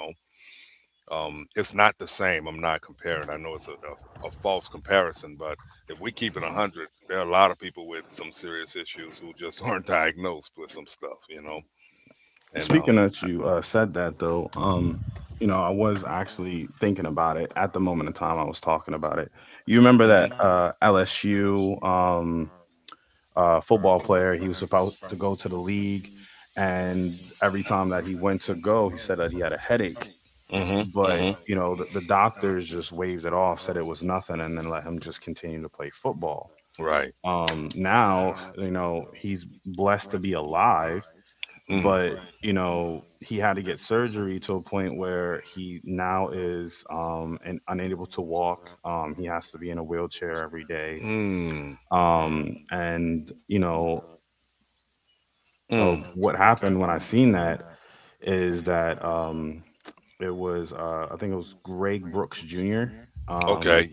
It's not the same. I'm not comparing. I know it's a false comparison, but if we keep it 100, there are a lot of people with some serious issues who just aren't diagnosed with some stuff, you know. And um, Speaking I, that you said that though, you know, I was actually thinking about it at the moment in time I was talking about it. You remember mhm, that LSU, football player. He was supposed to go to the league, and every time that he went to go, he said that he had a headache. mhm, But mhm. you know, the doctors just waved it off, said it was nothing, and then let him just continue to play football. Right. Now, you know, he's blessed to be alive, Mm. but you know, he had to get surgery to a point where he now is and unable to walk. He has to be in a wheelchair every day. Mm. And you know Mm. What happened when I seen that is that it was I think it was Greg Brooks Jr. Okay. Um,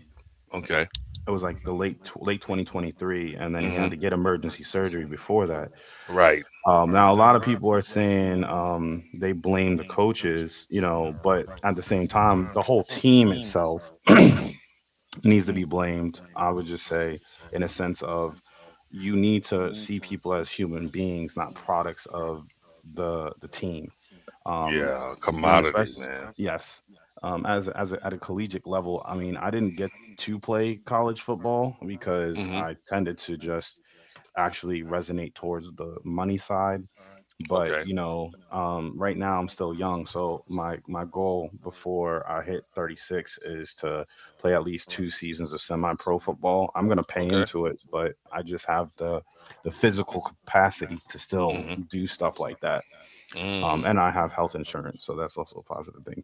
Okay. it was like the late 2023, and then he 2023. had to get Hmm. emergency surgery before that. Right. Now a lot of people are saying, they blame the coaches, you know, but at the same time, the whole team itself needs to be blamed. I would just say, in a sense of, you need to see people as human beings, not products of the team, um, Yeah. in especially, yes, as a, at a collegiate level. I mean, I didn't get to play college football because Hmm. I tended to just actually resonate towards the money side. Okay. But you know, right now I'm still young, so my goal before I hit 36 is to play at least two seasons of semi-pro football. I'm gonna pay into it, but I just have the physical capacity to still Mhm. do stuff like that. Mm. And I have health insurance, so that's also a positive thing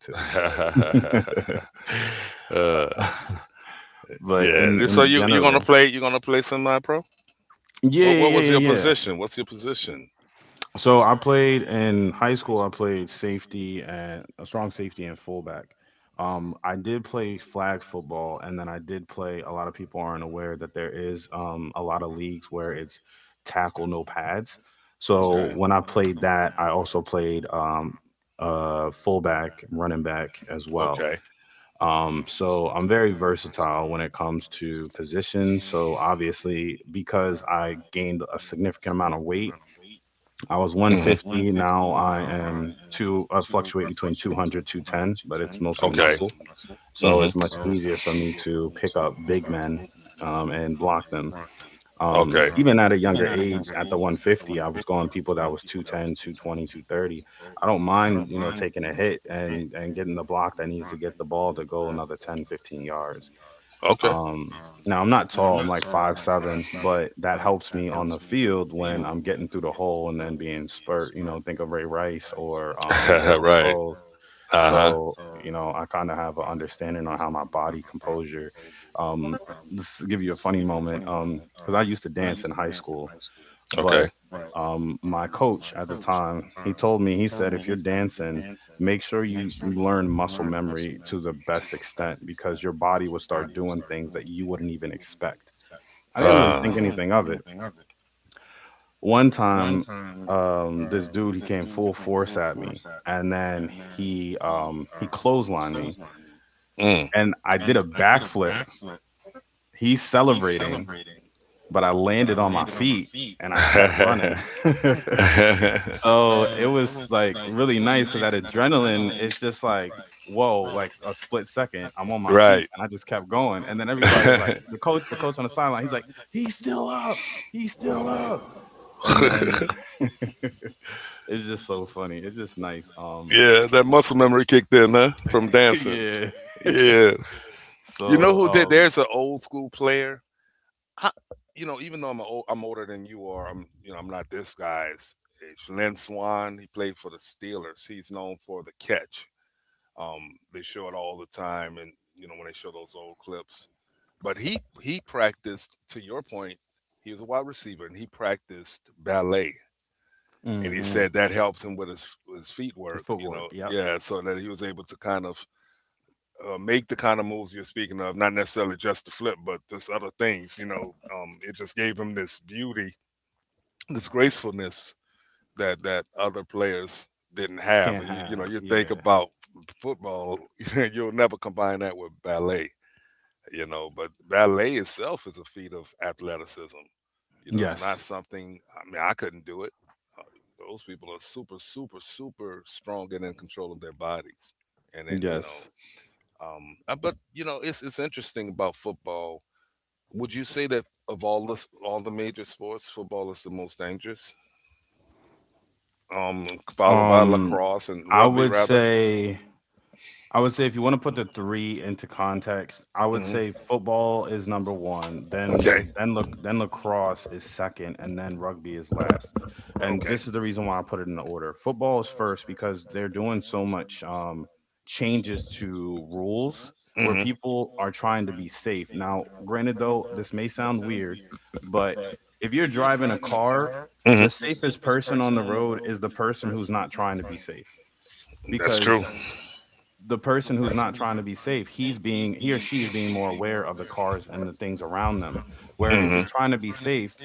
too. uh, But in yeah. So in you you're gonna general, play semi pro. yeah, yeah, What yeah, yeah, yeah. position? What's your position? So I played in high school. I played safety and a strong safety and fullback. I did play flag football, and then I did play. A lot of people aren't aware that there is, a lot of leagues where it's tackle no pads. So when I played that, I also played, fullback, running back as well. Okay. So I'm very versatile when it comes to positions. So obviously, because I gained a significant amount of weight, I was I. Hmm. 150. Now I am two, I fluctuate between 200, 210, but it's mostly muscle. So it's Hmm. much easier for me to pick up big men, and block them, Okay. Even at a younger age at the 150, I was going people that was 210 220 230. I don't mind, you know, taking a hit and getting the block that needs to get the ball to go another 10 15 yards. Okay. um, Now I'm not tall, I'm like 5'7", but that helps me on the field when I'm getting through the hole and then being spurt. You know, think of Ray Rice or Daryl Right. Sproles. Uh huh. So, you know, I kind of have an understanding on how my body composure. Um, this give you a funny moment. Because I used to dance in high school, Okay. but my coach at the time, he told me, he said, if you're dancing, make sure you learn muscle memory to the best extent because your body will start doing things that you wouldn't even expect. I didn't Huh. really think anything I of it. One time, this dude, he came full force at me, and then he clotheslined me, anything and I did a backflip. He's celebrating, but I landed on my feet and I kept of running. it. Mm. So it was like really nice because that adrenaline is just like, whoa, like a split second, I'm on my feet Right. and I just kept going. And then everybody's like, the coach on the sideline, he's like, he's still up, he's still up. And then it's just so funny. It's just nice. Yeah, that muscle memory kicked in, huh? From dancing. yeah. Yeah. You know So who did? There's an old school player I, you know, even though I'm older than you are, I'm you know I'm not this guy's age. Lynn Swan, he played for the Steelers. He's known for the catch. They show it all the time, and you know when they show those old clips. But he practiced. To your point, he was a wide receiver, and he practiced ballet. And um, he hmm said that helped him with his feet the work. You know, footwork. Yep. yeah, so that he was able to kind of make the kind of moves you're speaking of, not necessarily just the flip, but this other things, you know, it just gave him this beauty, this gracefulness that that other players didn't have. Can't And you know, have. you think Yeah. about football, you'll never combine that with ballet, you know, but ballet itself is a feat of athleticism. You know, it's Yes. not something, I mean, I couldn't do it. Uh, Those people are super, super, super strong and in control of their bodies. And then, you know, Yes. But you know, it's interesting about football. Would you say that of all the major sports, football is the most dangerous? Um, Mhm. followed by lacrosse and I rugby, would rather. say, if you wanna put the 3 into context, I would Hmm. say football is number 1, Okay. then then lacrosse is 2nd, and then rugby is last, and Okay. this is the reason why I put it in the order. Football is 1st because they're doing so much, changes to rules where Hmm. people are trying to be safe. Now, granted though, this may sound weird, but if you're driving a car, Hmm. the safest person on the road is the person who's not trying to be safe, That's true. because the person who's not trying to be safe, he or she is being more aware of the cars and the things around them. Where Hmm. if you're trying to be safe,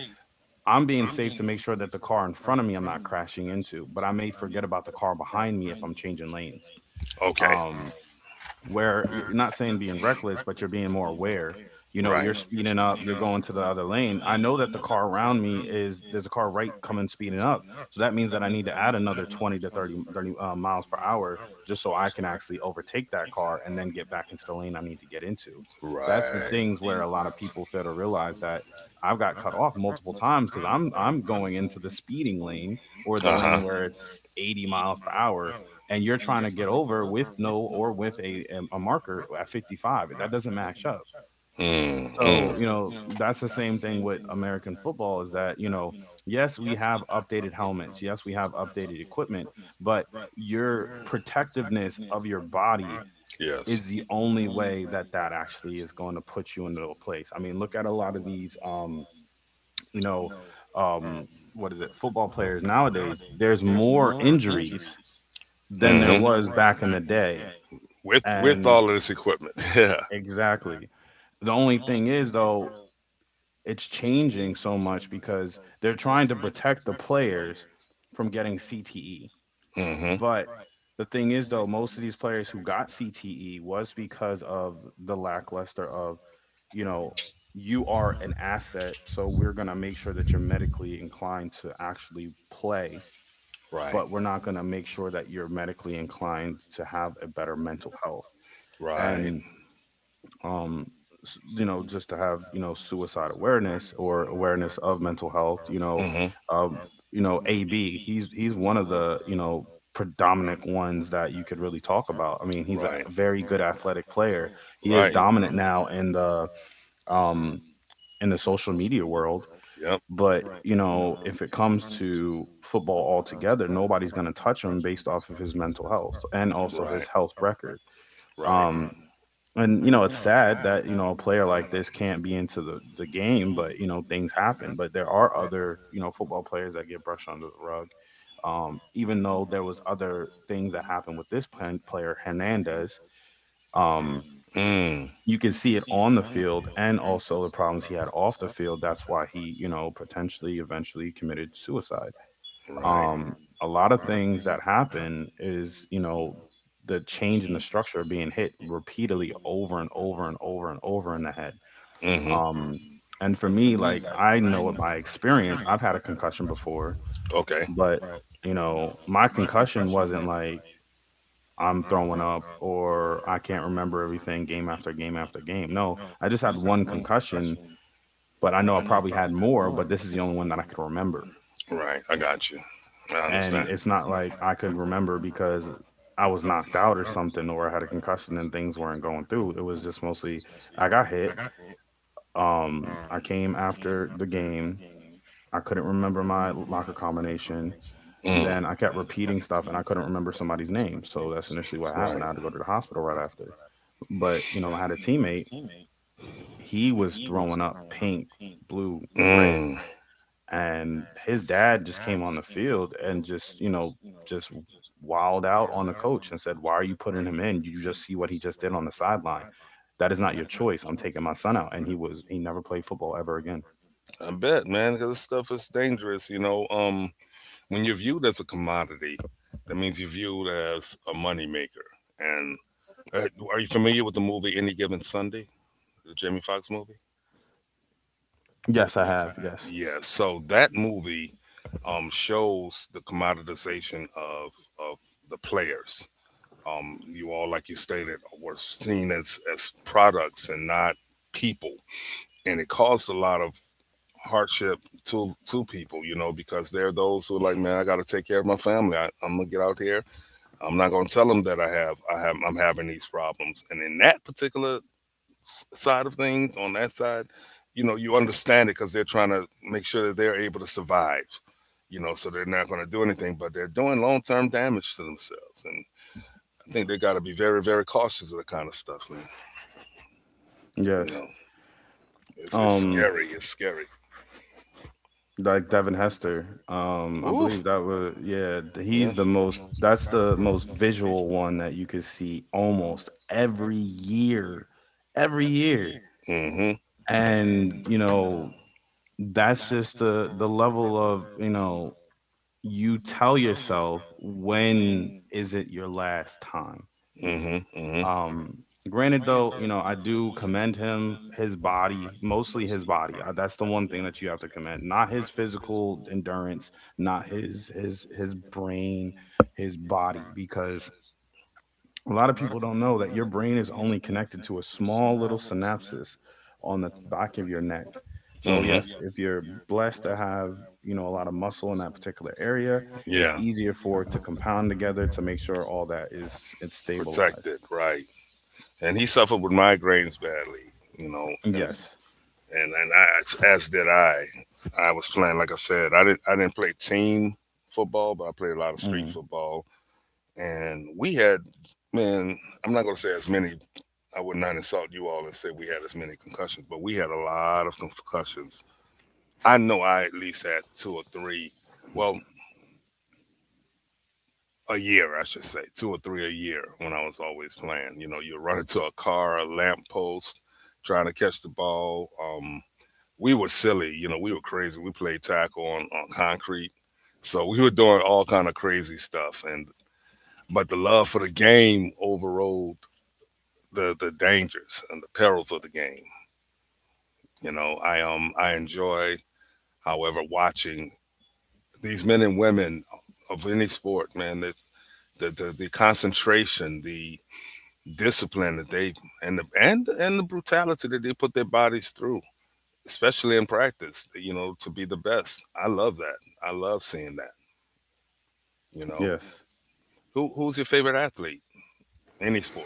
I'm being safe to make sure that the car in front of me I'm not crashing into, but I may forget about the car behind me if I'm changing lanes. Okay. Um, where you're not saying being reckless, but you're being more aware. You know, Right. you're speeding up, you're going to the other lane. I know that the car around me is there's a car right coming speeding up. So that means that I need to add another 20 to 30, thirty miles per hour just so I can actually overtake that car and then get back into the lane I need to get into. That's the Right. things where a lot of people fail to realize that I've got cut off multiple times because I'm going into the speeding lane or Uh the huh. lane where it's 80 miles per hour, and you're trying to get over with no or with a marker at 55 that doesn't match up. Mm, mm. So you know, that's the same thing with American football, is that, you know, yes we have updated helmets, yes we have updated equipment, but your protectiveness of your body Yes. is the only way that that actually is going to put you into a place. I mean, look at a lot of these, you know um what is it football players nowadays, there's more injuries than there Mm-hmm. was back in the day. With And all of this equipment. exactly. The only thing is though, it's changing so much because they're trying to protect the players from getting CTE. Yeah. Mm-hmm. But the thing is though, most of these players who got CTE was because of the lackluster of, you know, you are an asset, so we're going to make sure that you're medically inclined to actually play, Right. but we're not going to make sure that you're medically inclined to have a better mental health. Right. And um you know, just to have, you know, suicide awareness or awareness of mental health, you know, Mm-hmm. um you know, AB, he's one of the, you know, predominant ones that you could really talk about. I mean, he's a Right. very good athletic player. He is Right. dominant now in the, um in the social media world. Yep. But you know, if it comes to football altogether, nobody's going to touch him based off of his mental health and also his health record, Right. um and you know, it's sad that, you know, a player like this can't be into the game, but you know, things happen. But there are other, you know, football players that get brushed under the rug. Even though there was other things that happened with this player, Hernandez, um, Mm. you can see it on the field and also the problems he had off the field. That's why he, you know, potentially eventually committed suicide Right. um, a lot of things that happen is the change in the structure being hit repeatedly over and over and over and over in the head Mm-hmm. um, and for me, like, I know it by experience. I've had a concussion before. Okay. But my concussion wasn't like I'm throwing up or I can't remember everything game after game after game. No, I just had one concussion, but I know I probably had more, but this is the only one that I could remember. Right. I got you. I. And it's not like I could remember because I was knocked out or something, or I had a concussion and things weren't going through. It was just mostly I got hit. I came after the game. I couldn't remember my locker combination. Mm. Then I kept repeating stuff and I couldn't remember somebody's name. So that's initially what happened. I had to go to the hospital right after. But, you know, I had a teammate. He was throwing up pink, blue, Mm. red, and his dad just came on the field and just, just wilded out on the coach and said, why are you putting him in? You just see what he just did on the sideline. That is not your choice. I'm taking my son out. And he never played football ever again. I bet, man, because this stuff is dangerous. You know, when you're viewed as a commodity, that means you're viewed as a moneymaker. And uh, are you familiar with the movie Any Given Sunday, the Jamie Foxx movie? Yes, I have. Yes. Yeah, so that movie shows the commoditization of the players. You all, like you stated, were seen as products and not people, and it caused a lot of hardship to people, you know, because there are those who are like, man, I got to take care of my family. I, I'm gonna get out here. I'm not gonna tell them that I'm having these problems. And in that particular side of things, on that side, you know, you understand it because they're trying to make sure that they're able to survive. You know, so they're not going to do anything, but they're doing long term damage to themselves. And I think they got to be very, very cautious of the kind of stuff, man. You know, Yes. It's um scary. It's scary. like Devin Hester, I Ooh. believe that was, yeah, Yeah. he's the most, that's the most visual one that you could see almost every year, every year. Mm-hmm. And that's just the level of, you tell yourself, when is it your last time? Mm-hmm. Mm-hmm. um granted though, you know, I do commend him, his body, mostly his body. That's the one thing that you have to commend, not his physical endurance, not his brain, his body, because a lot of people don't know that your brain is only connected to a small little synapses on the back of your neck. So Mm-hmm. yes, if you're blessed to have, you know, a lot of muscle in that particular area, Yeah. it's easier for it to compound together to make sure all that is, it's stabilized. Protected, right. And he suffered with migraines badly, you know, and Yes. and, and I, as did I. I was playing, like I said, I didn't play team football, but I played a lot of street Hmm. football. And we had, man, I'm not going to say as many, I would not insult you all and say we had as many concussions, but we had a lot of concussions. I know I at least had two or three, well a year I should say, two or three a year when I was always playing. You know, you run into a car, a lamppost trying to catch the ball. Um, we were silly, you know, we were crazy, we played tackle on concrete, so we were doing all kind of crazy stuff. And but the love for the game overrode the dangers and the perils of the game. You know, I enjoy, however, watching these men and women of any sport, man. The the concentration, the discipline that they and the brutality that they put their bodies through, especially in practice. You know, to be the best. I love that. I love seeing that. You know, Yes. Who's your favorite athlete? Any sport.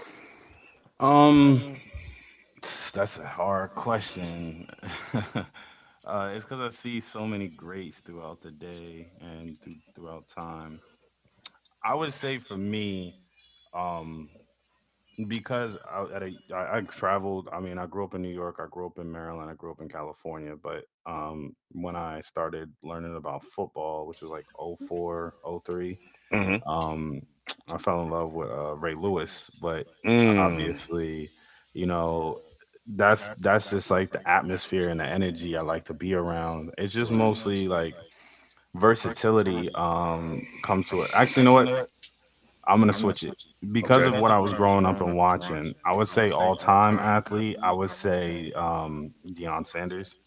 Um, that's a hard question. It's because I see so many greats throughout the day and throughout time. I would say for me, um because I traveled. I mean, I grew up in New York, I grew up in Maryland, I grew up in California. But when I started learning about football, which was like oh four oh three, Mm-hmm. um I fell in love with Ray Lewis. But Mm. obviously, you know, that's just like the atmosphere and the energy I like to be around. It's just mostly like versatility, comes to it. Actually, you know what, I'm gonna switch it because of what I was growing up and watching. I would say all time athlete. I would say, Deion Sanders,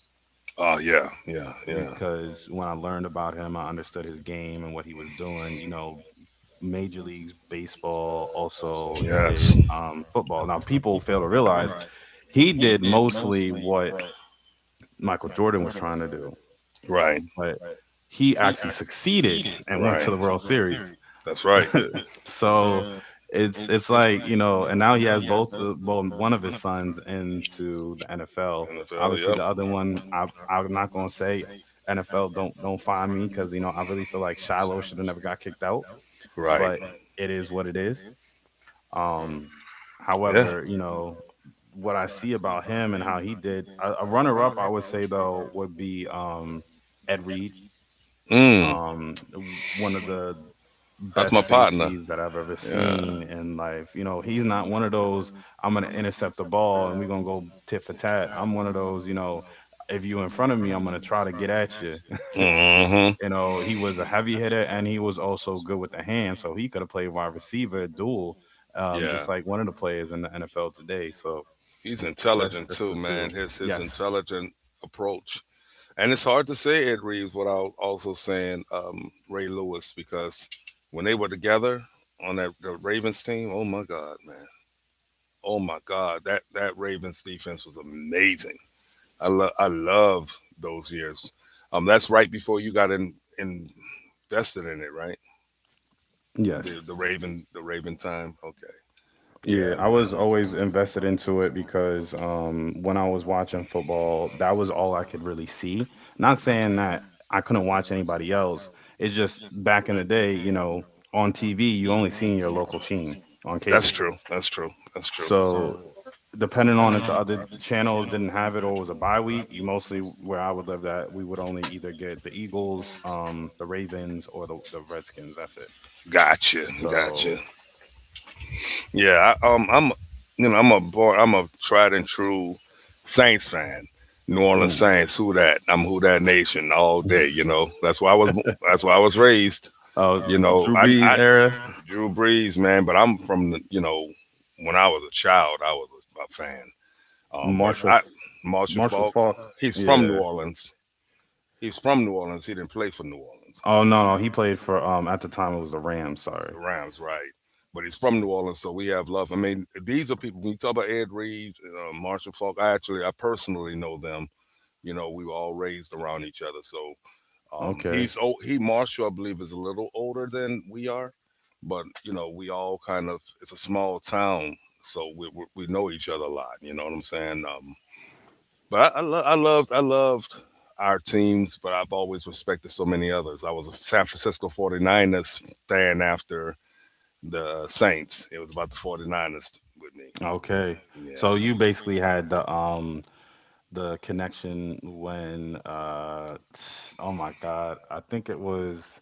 Oh yeah, yeah, yeah. because when I learned about him, I understood his game and what he was doing. You know, major leagues baseball. Also, he did, football. Now, people fail to realize he did mostly what Michael Jordan was trying to do, Right. but he actually succeeded and Right. went to the World Series. That's right. So it's, like, you know, and now he has both, one of his sons into the NFL. NFL. Obviously, the other one, I'm not gonna say, NFL, don't find me, because you know I really feel like Shiloh should have never got kicked out, Right. but it is what it is. Um, however, you know, what I see about him and how he did, a runner up, I would say though would be, Ed Reed, Yeah. Mm. um, one of the That's. best safeties that I've ever seen in life. You know, he's not one of those, I'm going to intercept the ball and we're going to go tit for tat. I'm one of those, you know, if you in front of me, I'm going to try to get at you. Mm-hmm. You know, he was a heavy hitter and he was also good with the hand. So he could have played wide receiver, dual, Yeah, just like one of the players in the NFL today. So he's intelligent that's too, the man. two. His Yes. intelligent approach, and it's hard to say Ed Reeves without also saying Ray Lewis because when they were together on that the Ravens team, oh my God, man, oh my God, that that Ravens defense was amazing. I love those years. That's right before you got in invested in it, right? The Yes. Raven time. Okay, yeah, Yeah, I was always invested man. into it because, when I was watching football, that was all I could really see. Not saying that I couldn't watch anybody else. It's just back in the day, you know, on TV, you only seen your local team on That's cable. true. That's true. That's true. So depending on if the other channels didn't have it or it was a bye week, you mostly, where I would live, that we would only either get the Eagles, the Ravens, or the Redskins. That's it. Gotcha. Gotcha. So, Yeah. I'm, you know, I'm a born, I'm a tried and true Saints fan. New Orleans mm. Saints. Who that? I'm who that nation all day. You know. That's why I was. That's why I was raised. uh, You know. Drew I. Brees era. Drew Brees, man. But I'm from the. You know, when I was a child, I was a fan. Um, but Marshall I, Marshall Marshall Falk. Falk. He's from New Yeah. Orleans. He's from New Orleans. He didn't play for New Orleans. Oh no, no, he played for, at the time it was the Rams, The sorry. Rams, right? But he's from New Orleans, so we have love. I mean, these are people. When you talk about Ed Reeves, Marshall Faulk, I personally know them. You know, we were all raised around each other. So he's Okay. oh, he Marshall, I believe, is a little older than we are, but you know, we all kind of it's a small town, so we know each other a lot. You know what I'm saying? But I loved our teams, but I've always respected so many others. I was a San Francisco 49ers fan after the Saints. It was about the 49ers with me. Okay. Yeah. So you basically had the the connection when, oh my God, I think it was,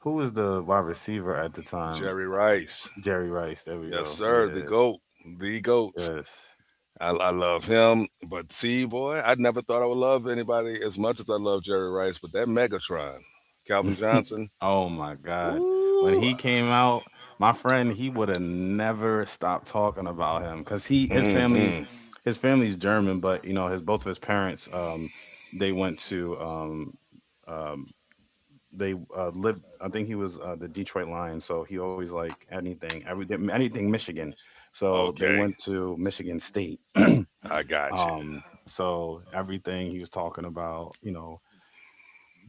who was the wide receiver at the time? Jerry Rice. Jerry Rice. There we Yes, go. sir. The Yeah. GOAT. The GOAT. Yes. I love him. But see, boy, I never thought I would love anybody as much as I love Jerry Rice. But that Megatron, Calvin Johnson. Oh my God. Woo. When he came out, my friend, he would have never stopped talking about him because he his Mm-hmm. family, his family's German. But you know, his, both of his parents, they went to, um they lived, I think he was, the Detroit Lions, so he always like anything, everything, anything Michigan. So Okay. they went to Michigan State. I got you. So everything he was talking about, you know,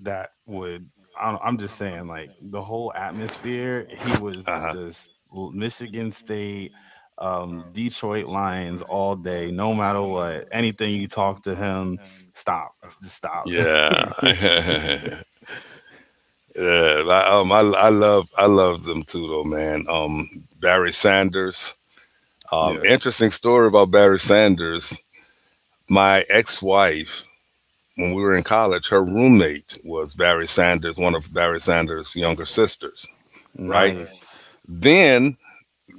that would, I don't- I'm just saying, like, the whole atmosphere he Uh was huh. just, Michigan State, Detroit Lions all day, no matter what, anything you talk to him, stop, just stop. Yeah. Yeah. I love them too though, man. Barry Sanders. Yes. Interesting story about Barry Sanders. My ex-wife, when we were in college, her roommate was Barry Sanders, one of Barry Sanders' younger sisters. Right. Nice. Then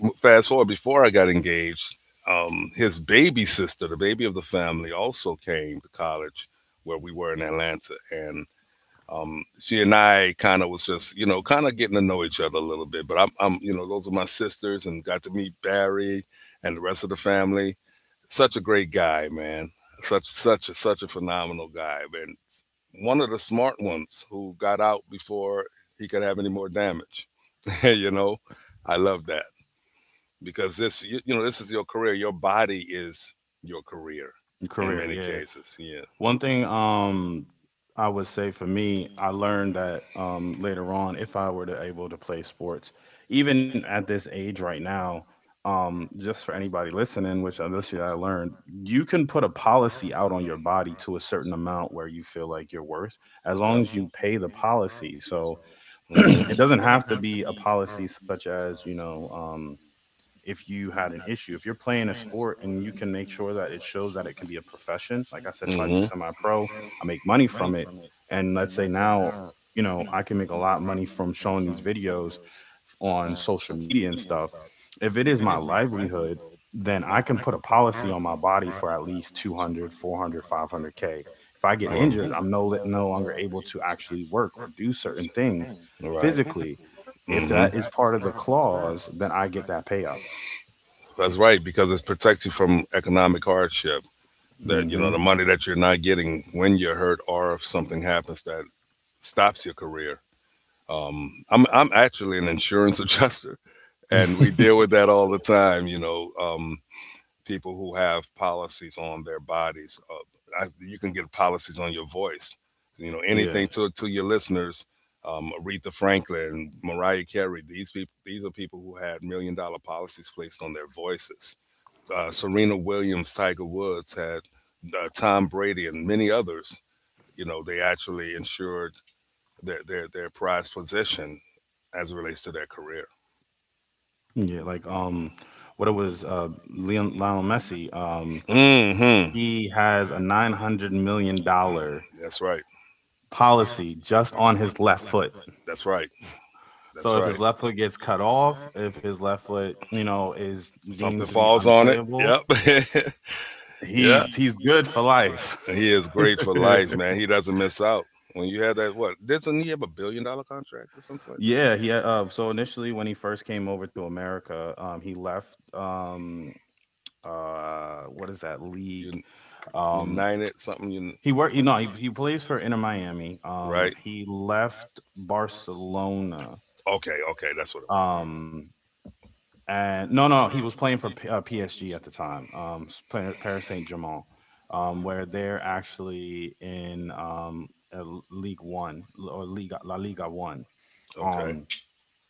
fast forward before I got engaged, his baby sister, the baby of the family, also came to college where we were in Atlanta, and she and I kind of was just kind of getting to know each other a little bit. But I'm, those are my sisters, and got to meet Barry and the rest of the family. Such a great guy, man. Such a phenomenal guy, and one of the smart ones who got out before he could have any more damage. you know, I love that because this is your career. Your body is your career Your in career. many Yeah. cases. Yeah. One thing, I would say for me, I learned that, later on, if I were to able to play sports, even at this age right now, just for anybody listening, which, this year I learned, you can put a policy out on your body to a certain amount where you feel like you're worth, as long as you pay the policy. So Hmm. it doesn't have to be a policy such as, you know, if you had an issue. If you're playing a sport and you can make sure that it shows that it can be a profession, like I said, if I Hmm. do semi pro, I make money from it. And let's say now, you know, I can make a lot of money from showing these videos on social media and stuff. If it is my livelihood, then I can put a policy on my body for at least 200, 400, 500 k. If I get injured, I'm, no longer able to actually work or do certain things physically. If Mm-hmm. that is part of Hmm. the clause, then I get that payout. That's right, because it protects you from economic hardship, that you know the Hmm. money that you're not getting when you're hurt, or if something happens that stops your career. I'm actually an insurance adjuster, and we deal with that all the time, people who have policies on their bodies. You can get policies on your voice, anything, Yeah, to your listeners. Aretha Franklin, Mariah Carey, these are people who had million-dollar policies placed on their voices. Serena Williams, Tiger Woods had Tom Brady and many others. You know, they actually ensured their prized position as it relates to their career. yeah. Like, what it was, Lionel Messi. Hmm. He has a $900 million That's right. policy just on his left foot. That's right. That's So right. if his left foot gets cut off, if his left foot, you know, is Something deemed to be falls on it. unplayable, Yep. Yeah, he's good for life. he is great for life, man. He doesn't miss out. When you have that, what, doesn't he have a billion-dollar contract or something like that? Yeah, he had, so initially when he first came over to America, he left, what is that league? um. United something, He worked, you know, he plays for Inter Miami. right? He left Barcelona. Okay, okay, that's what it was. Um, and no, no, he was playing for, PSG at the time. Paris Saint Germain, where they're actually in, uh, League One or Liga La Liga One. Okay, Um,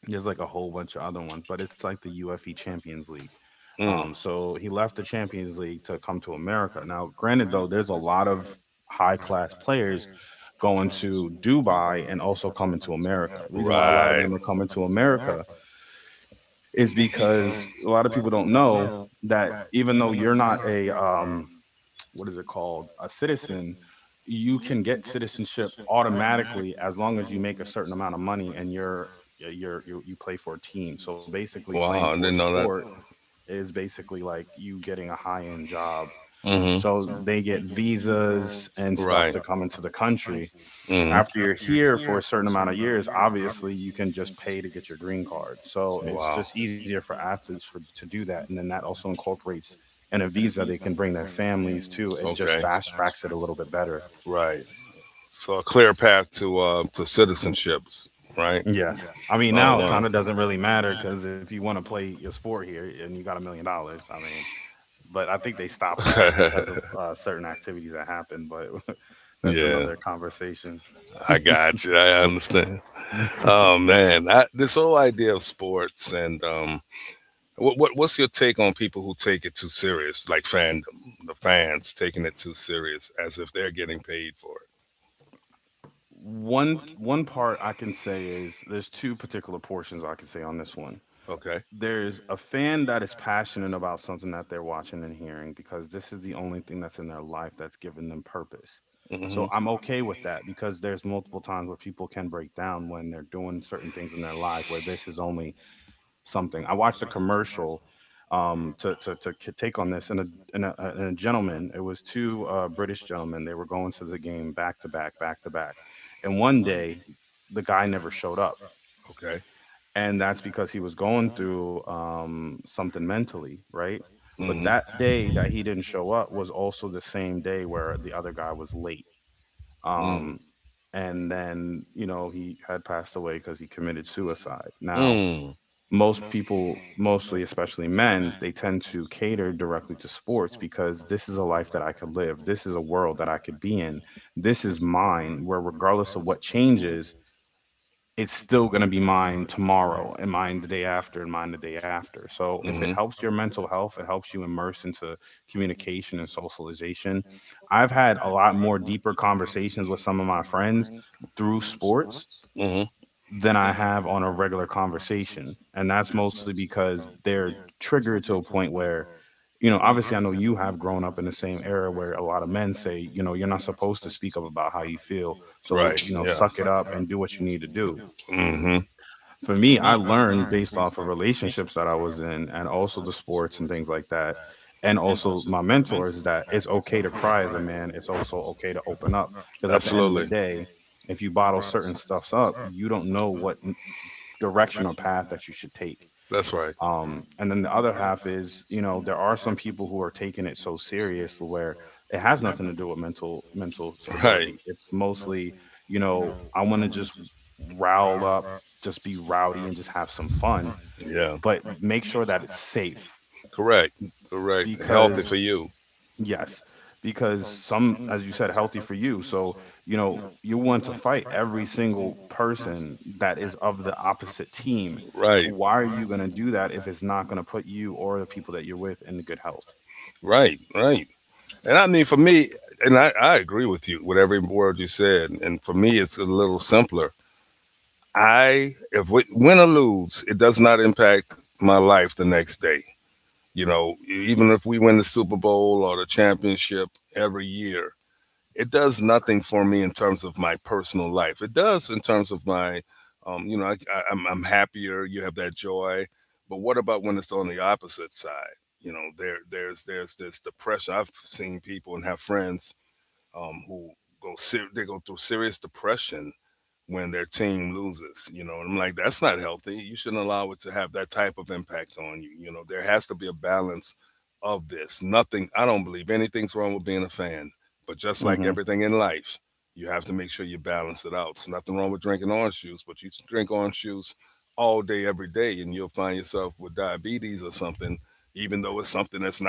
there's like a whole bunch of other ones, but it's like the UFE Champions League. Mm, So he left the Champions League to come to America. Now, granted, though, there's a lot of high class players going to Dubai and also coming to America. The reason why a lot right. of them are coming to America is because a lot of people don't know that, even though you're not a, what is it called, a citizen, you can get citizenship automatically as long as you make a certain amount of money and you play for a team. So basically, Wow, I playing didn't for a know that. sport is basically like you getting a high end job. Mm-hmm. So they get visas and Right. stuff to come into the country. Mm-hmm. After you're here for a certain amount of years, obviously you can just pay to get your green card. So Wow. it's just easier for athletes for to do that, and then that also incorporates in a visa they can bring their families too. It Okay. just fast tracks it a little bit better. Right. So a clear path to citizenships, right? Yes, I Oh mean wow. now it kind of doesn't really matter because if you want to play your sport here and you got $1 million, I mean, but I think they stopped that because of certain activities that happen. But that's Yeah, another conversation. I got you. I understand. Oh man, this whole idea of sports and what's your take on people who take it too serious, like fandom, the fans taking it too serious, as if they're getting paid for it? One part I can say is there's two particular portions I can say on this one. Okay. There's a fan that is passionate about something that they're watching and hearing because this is the only thing that's in their life that's given them purpose. So I'm okay with that because there's multiple times where people can break down when they're doing certain things in their life where this is only something. I watched a commercial take on this, and a, and a and a gentleman. It was two British gentlemen. They were going to the game back to back, and one day the guy never showed up, But okay. and that's because he was going through something mentally, right? Mm. But that day that he didn't show up was also the same day where the other guy was late, Mm. um, and then he had passed away because he committed suicide. Now, Mm. most people, mostly especially men, they tend to cater directly to sports because this is a life that I could live. This is a world that I could be in. This is mine. Where regardless of what changes, it's still going to be mine tomorrow and mine the day after and mine the day after. So if it helps your mental health, it helps you immerse into communication and socialization. I've had a lot more deeper conversations with some of my friends through sports Mm-hmm. than I have on a regular conversation. And that's mostly because they're triggered to a point where, obviously, I know you have grown up in the same era where a lot of men say, you're not supposed to speak up about how you feel. Right. So, suck it up and do what you need to do. Mm-hmm. But at For me, I learned based off of relationships that I was in and also the sports and things like that. And also my mentors that it's okay to cry as a man. It's also okay to open up. the end. Because at the end of the day, if you bottle certain stuffs up, you don't know what direction or path that you should take. That's right. It. And then the other half is, there are some people who are taking it so serious where it has nothing to do with mental stability. It's mostly, I want to just rile up, just be rowdy and just have some fun, Yeah. but make sure that it's safe. Correct. Correct. Because You. yes, because some, as you said, healthy for you. So, you want to fight every single person that is of the opposite team. Right. Why are you going to do that if it's not going to put you or the people that you're with into good health? Right. Right. And I mean, for me, and I agree with you with every word you said. And for me, it's a little simpler. If we win or lose, it does not impact my life the next day. You know, even if we win the Super Bowl or the championship every year, it does nothing for me in terms of my personal life. It does in terms of my, I'm happier. You have that joy. But what about when it's on the opposite side? You know, there's this depression. I've seen people and have friends who they go through serious depression when their team loses. You know, and I'm like, that's not healthy. You shouldn't allow it to have that type of impact on you. You know, there has to be a balance of this. Nothing, I don't believe anything's wrong with being a fan, but just like Hmm. everything in life, you have to make sure you balance it out. There's nothing wrong with drinking orange juice, but you drink orange juice all day, every day, and you'll find yourself with diabetes or something, even though it's something that's not,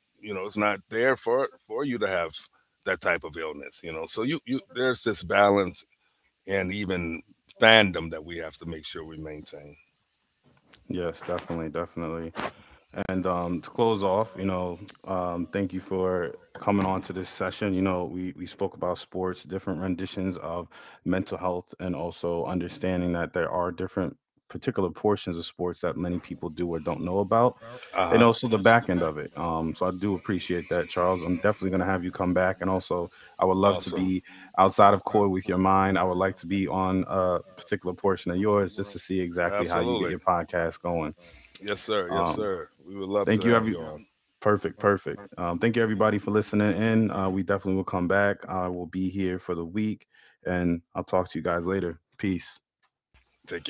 you know, it's not there for you to have that type of illness. So you there's this balance and even fandom that we have to make sure we maintain. Yes, definitely, definitely. And to close off, thank you for coming on to this session. You know, we spoke about sports, different renditions of mental health, and also understanding that there are different particular portions of sports that many people do or don't know about, Uh huh. and also the back end of it. So I do appreciate that, Charles. I'm definitely going to have you come back. And also, I would love Awesome. to be outside of core with your mind. I would like to be on a particular portion of yours just to see exactly how Absolutely. you get your podcast going. Yes, sir. Yes, sir. Um, We would love to have Thank you you, on. every— perfect, perfect. Thank you everybody for listening in. We definitely will come back. I will be here for the week, and I'll talk to you guys later. Peace. Take care.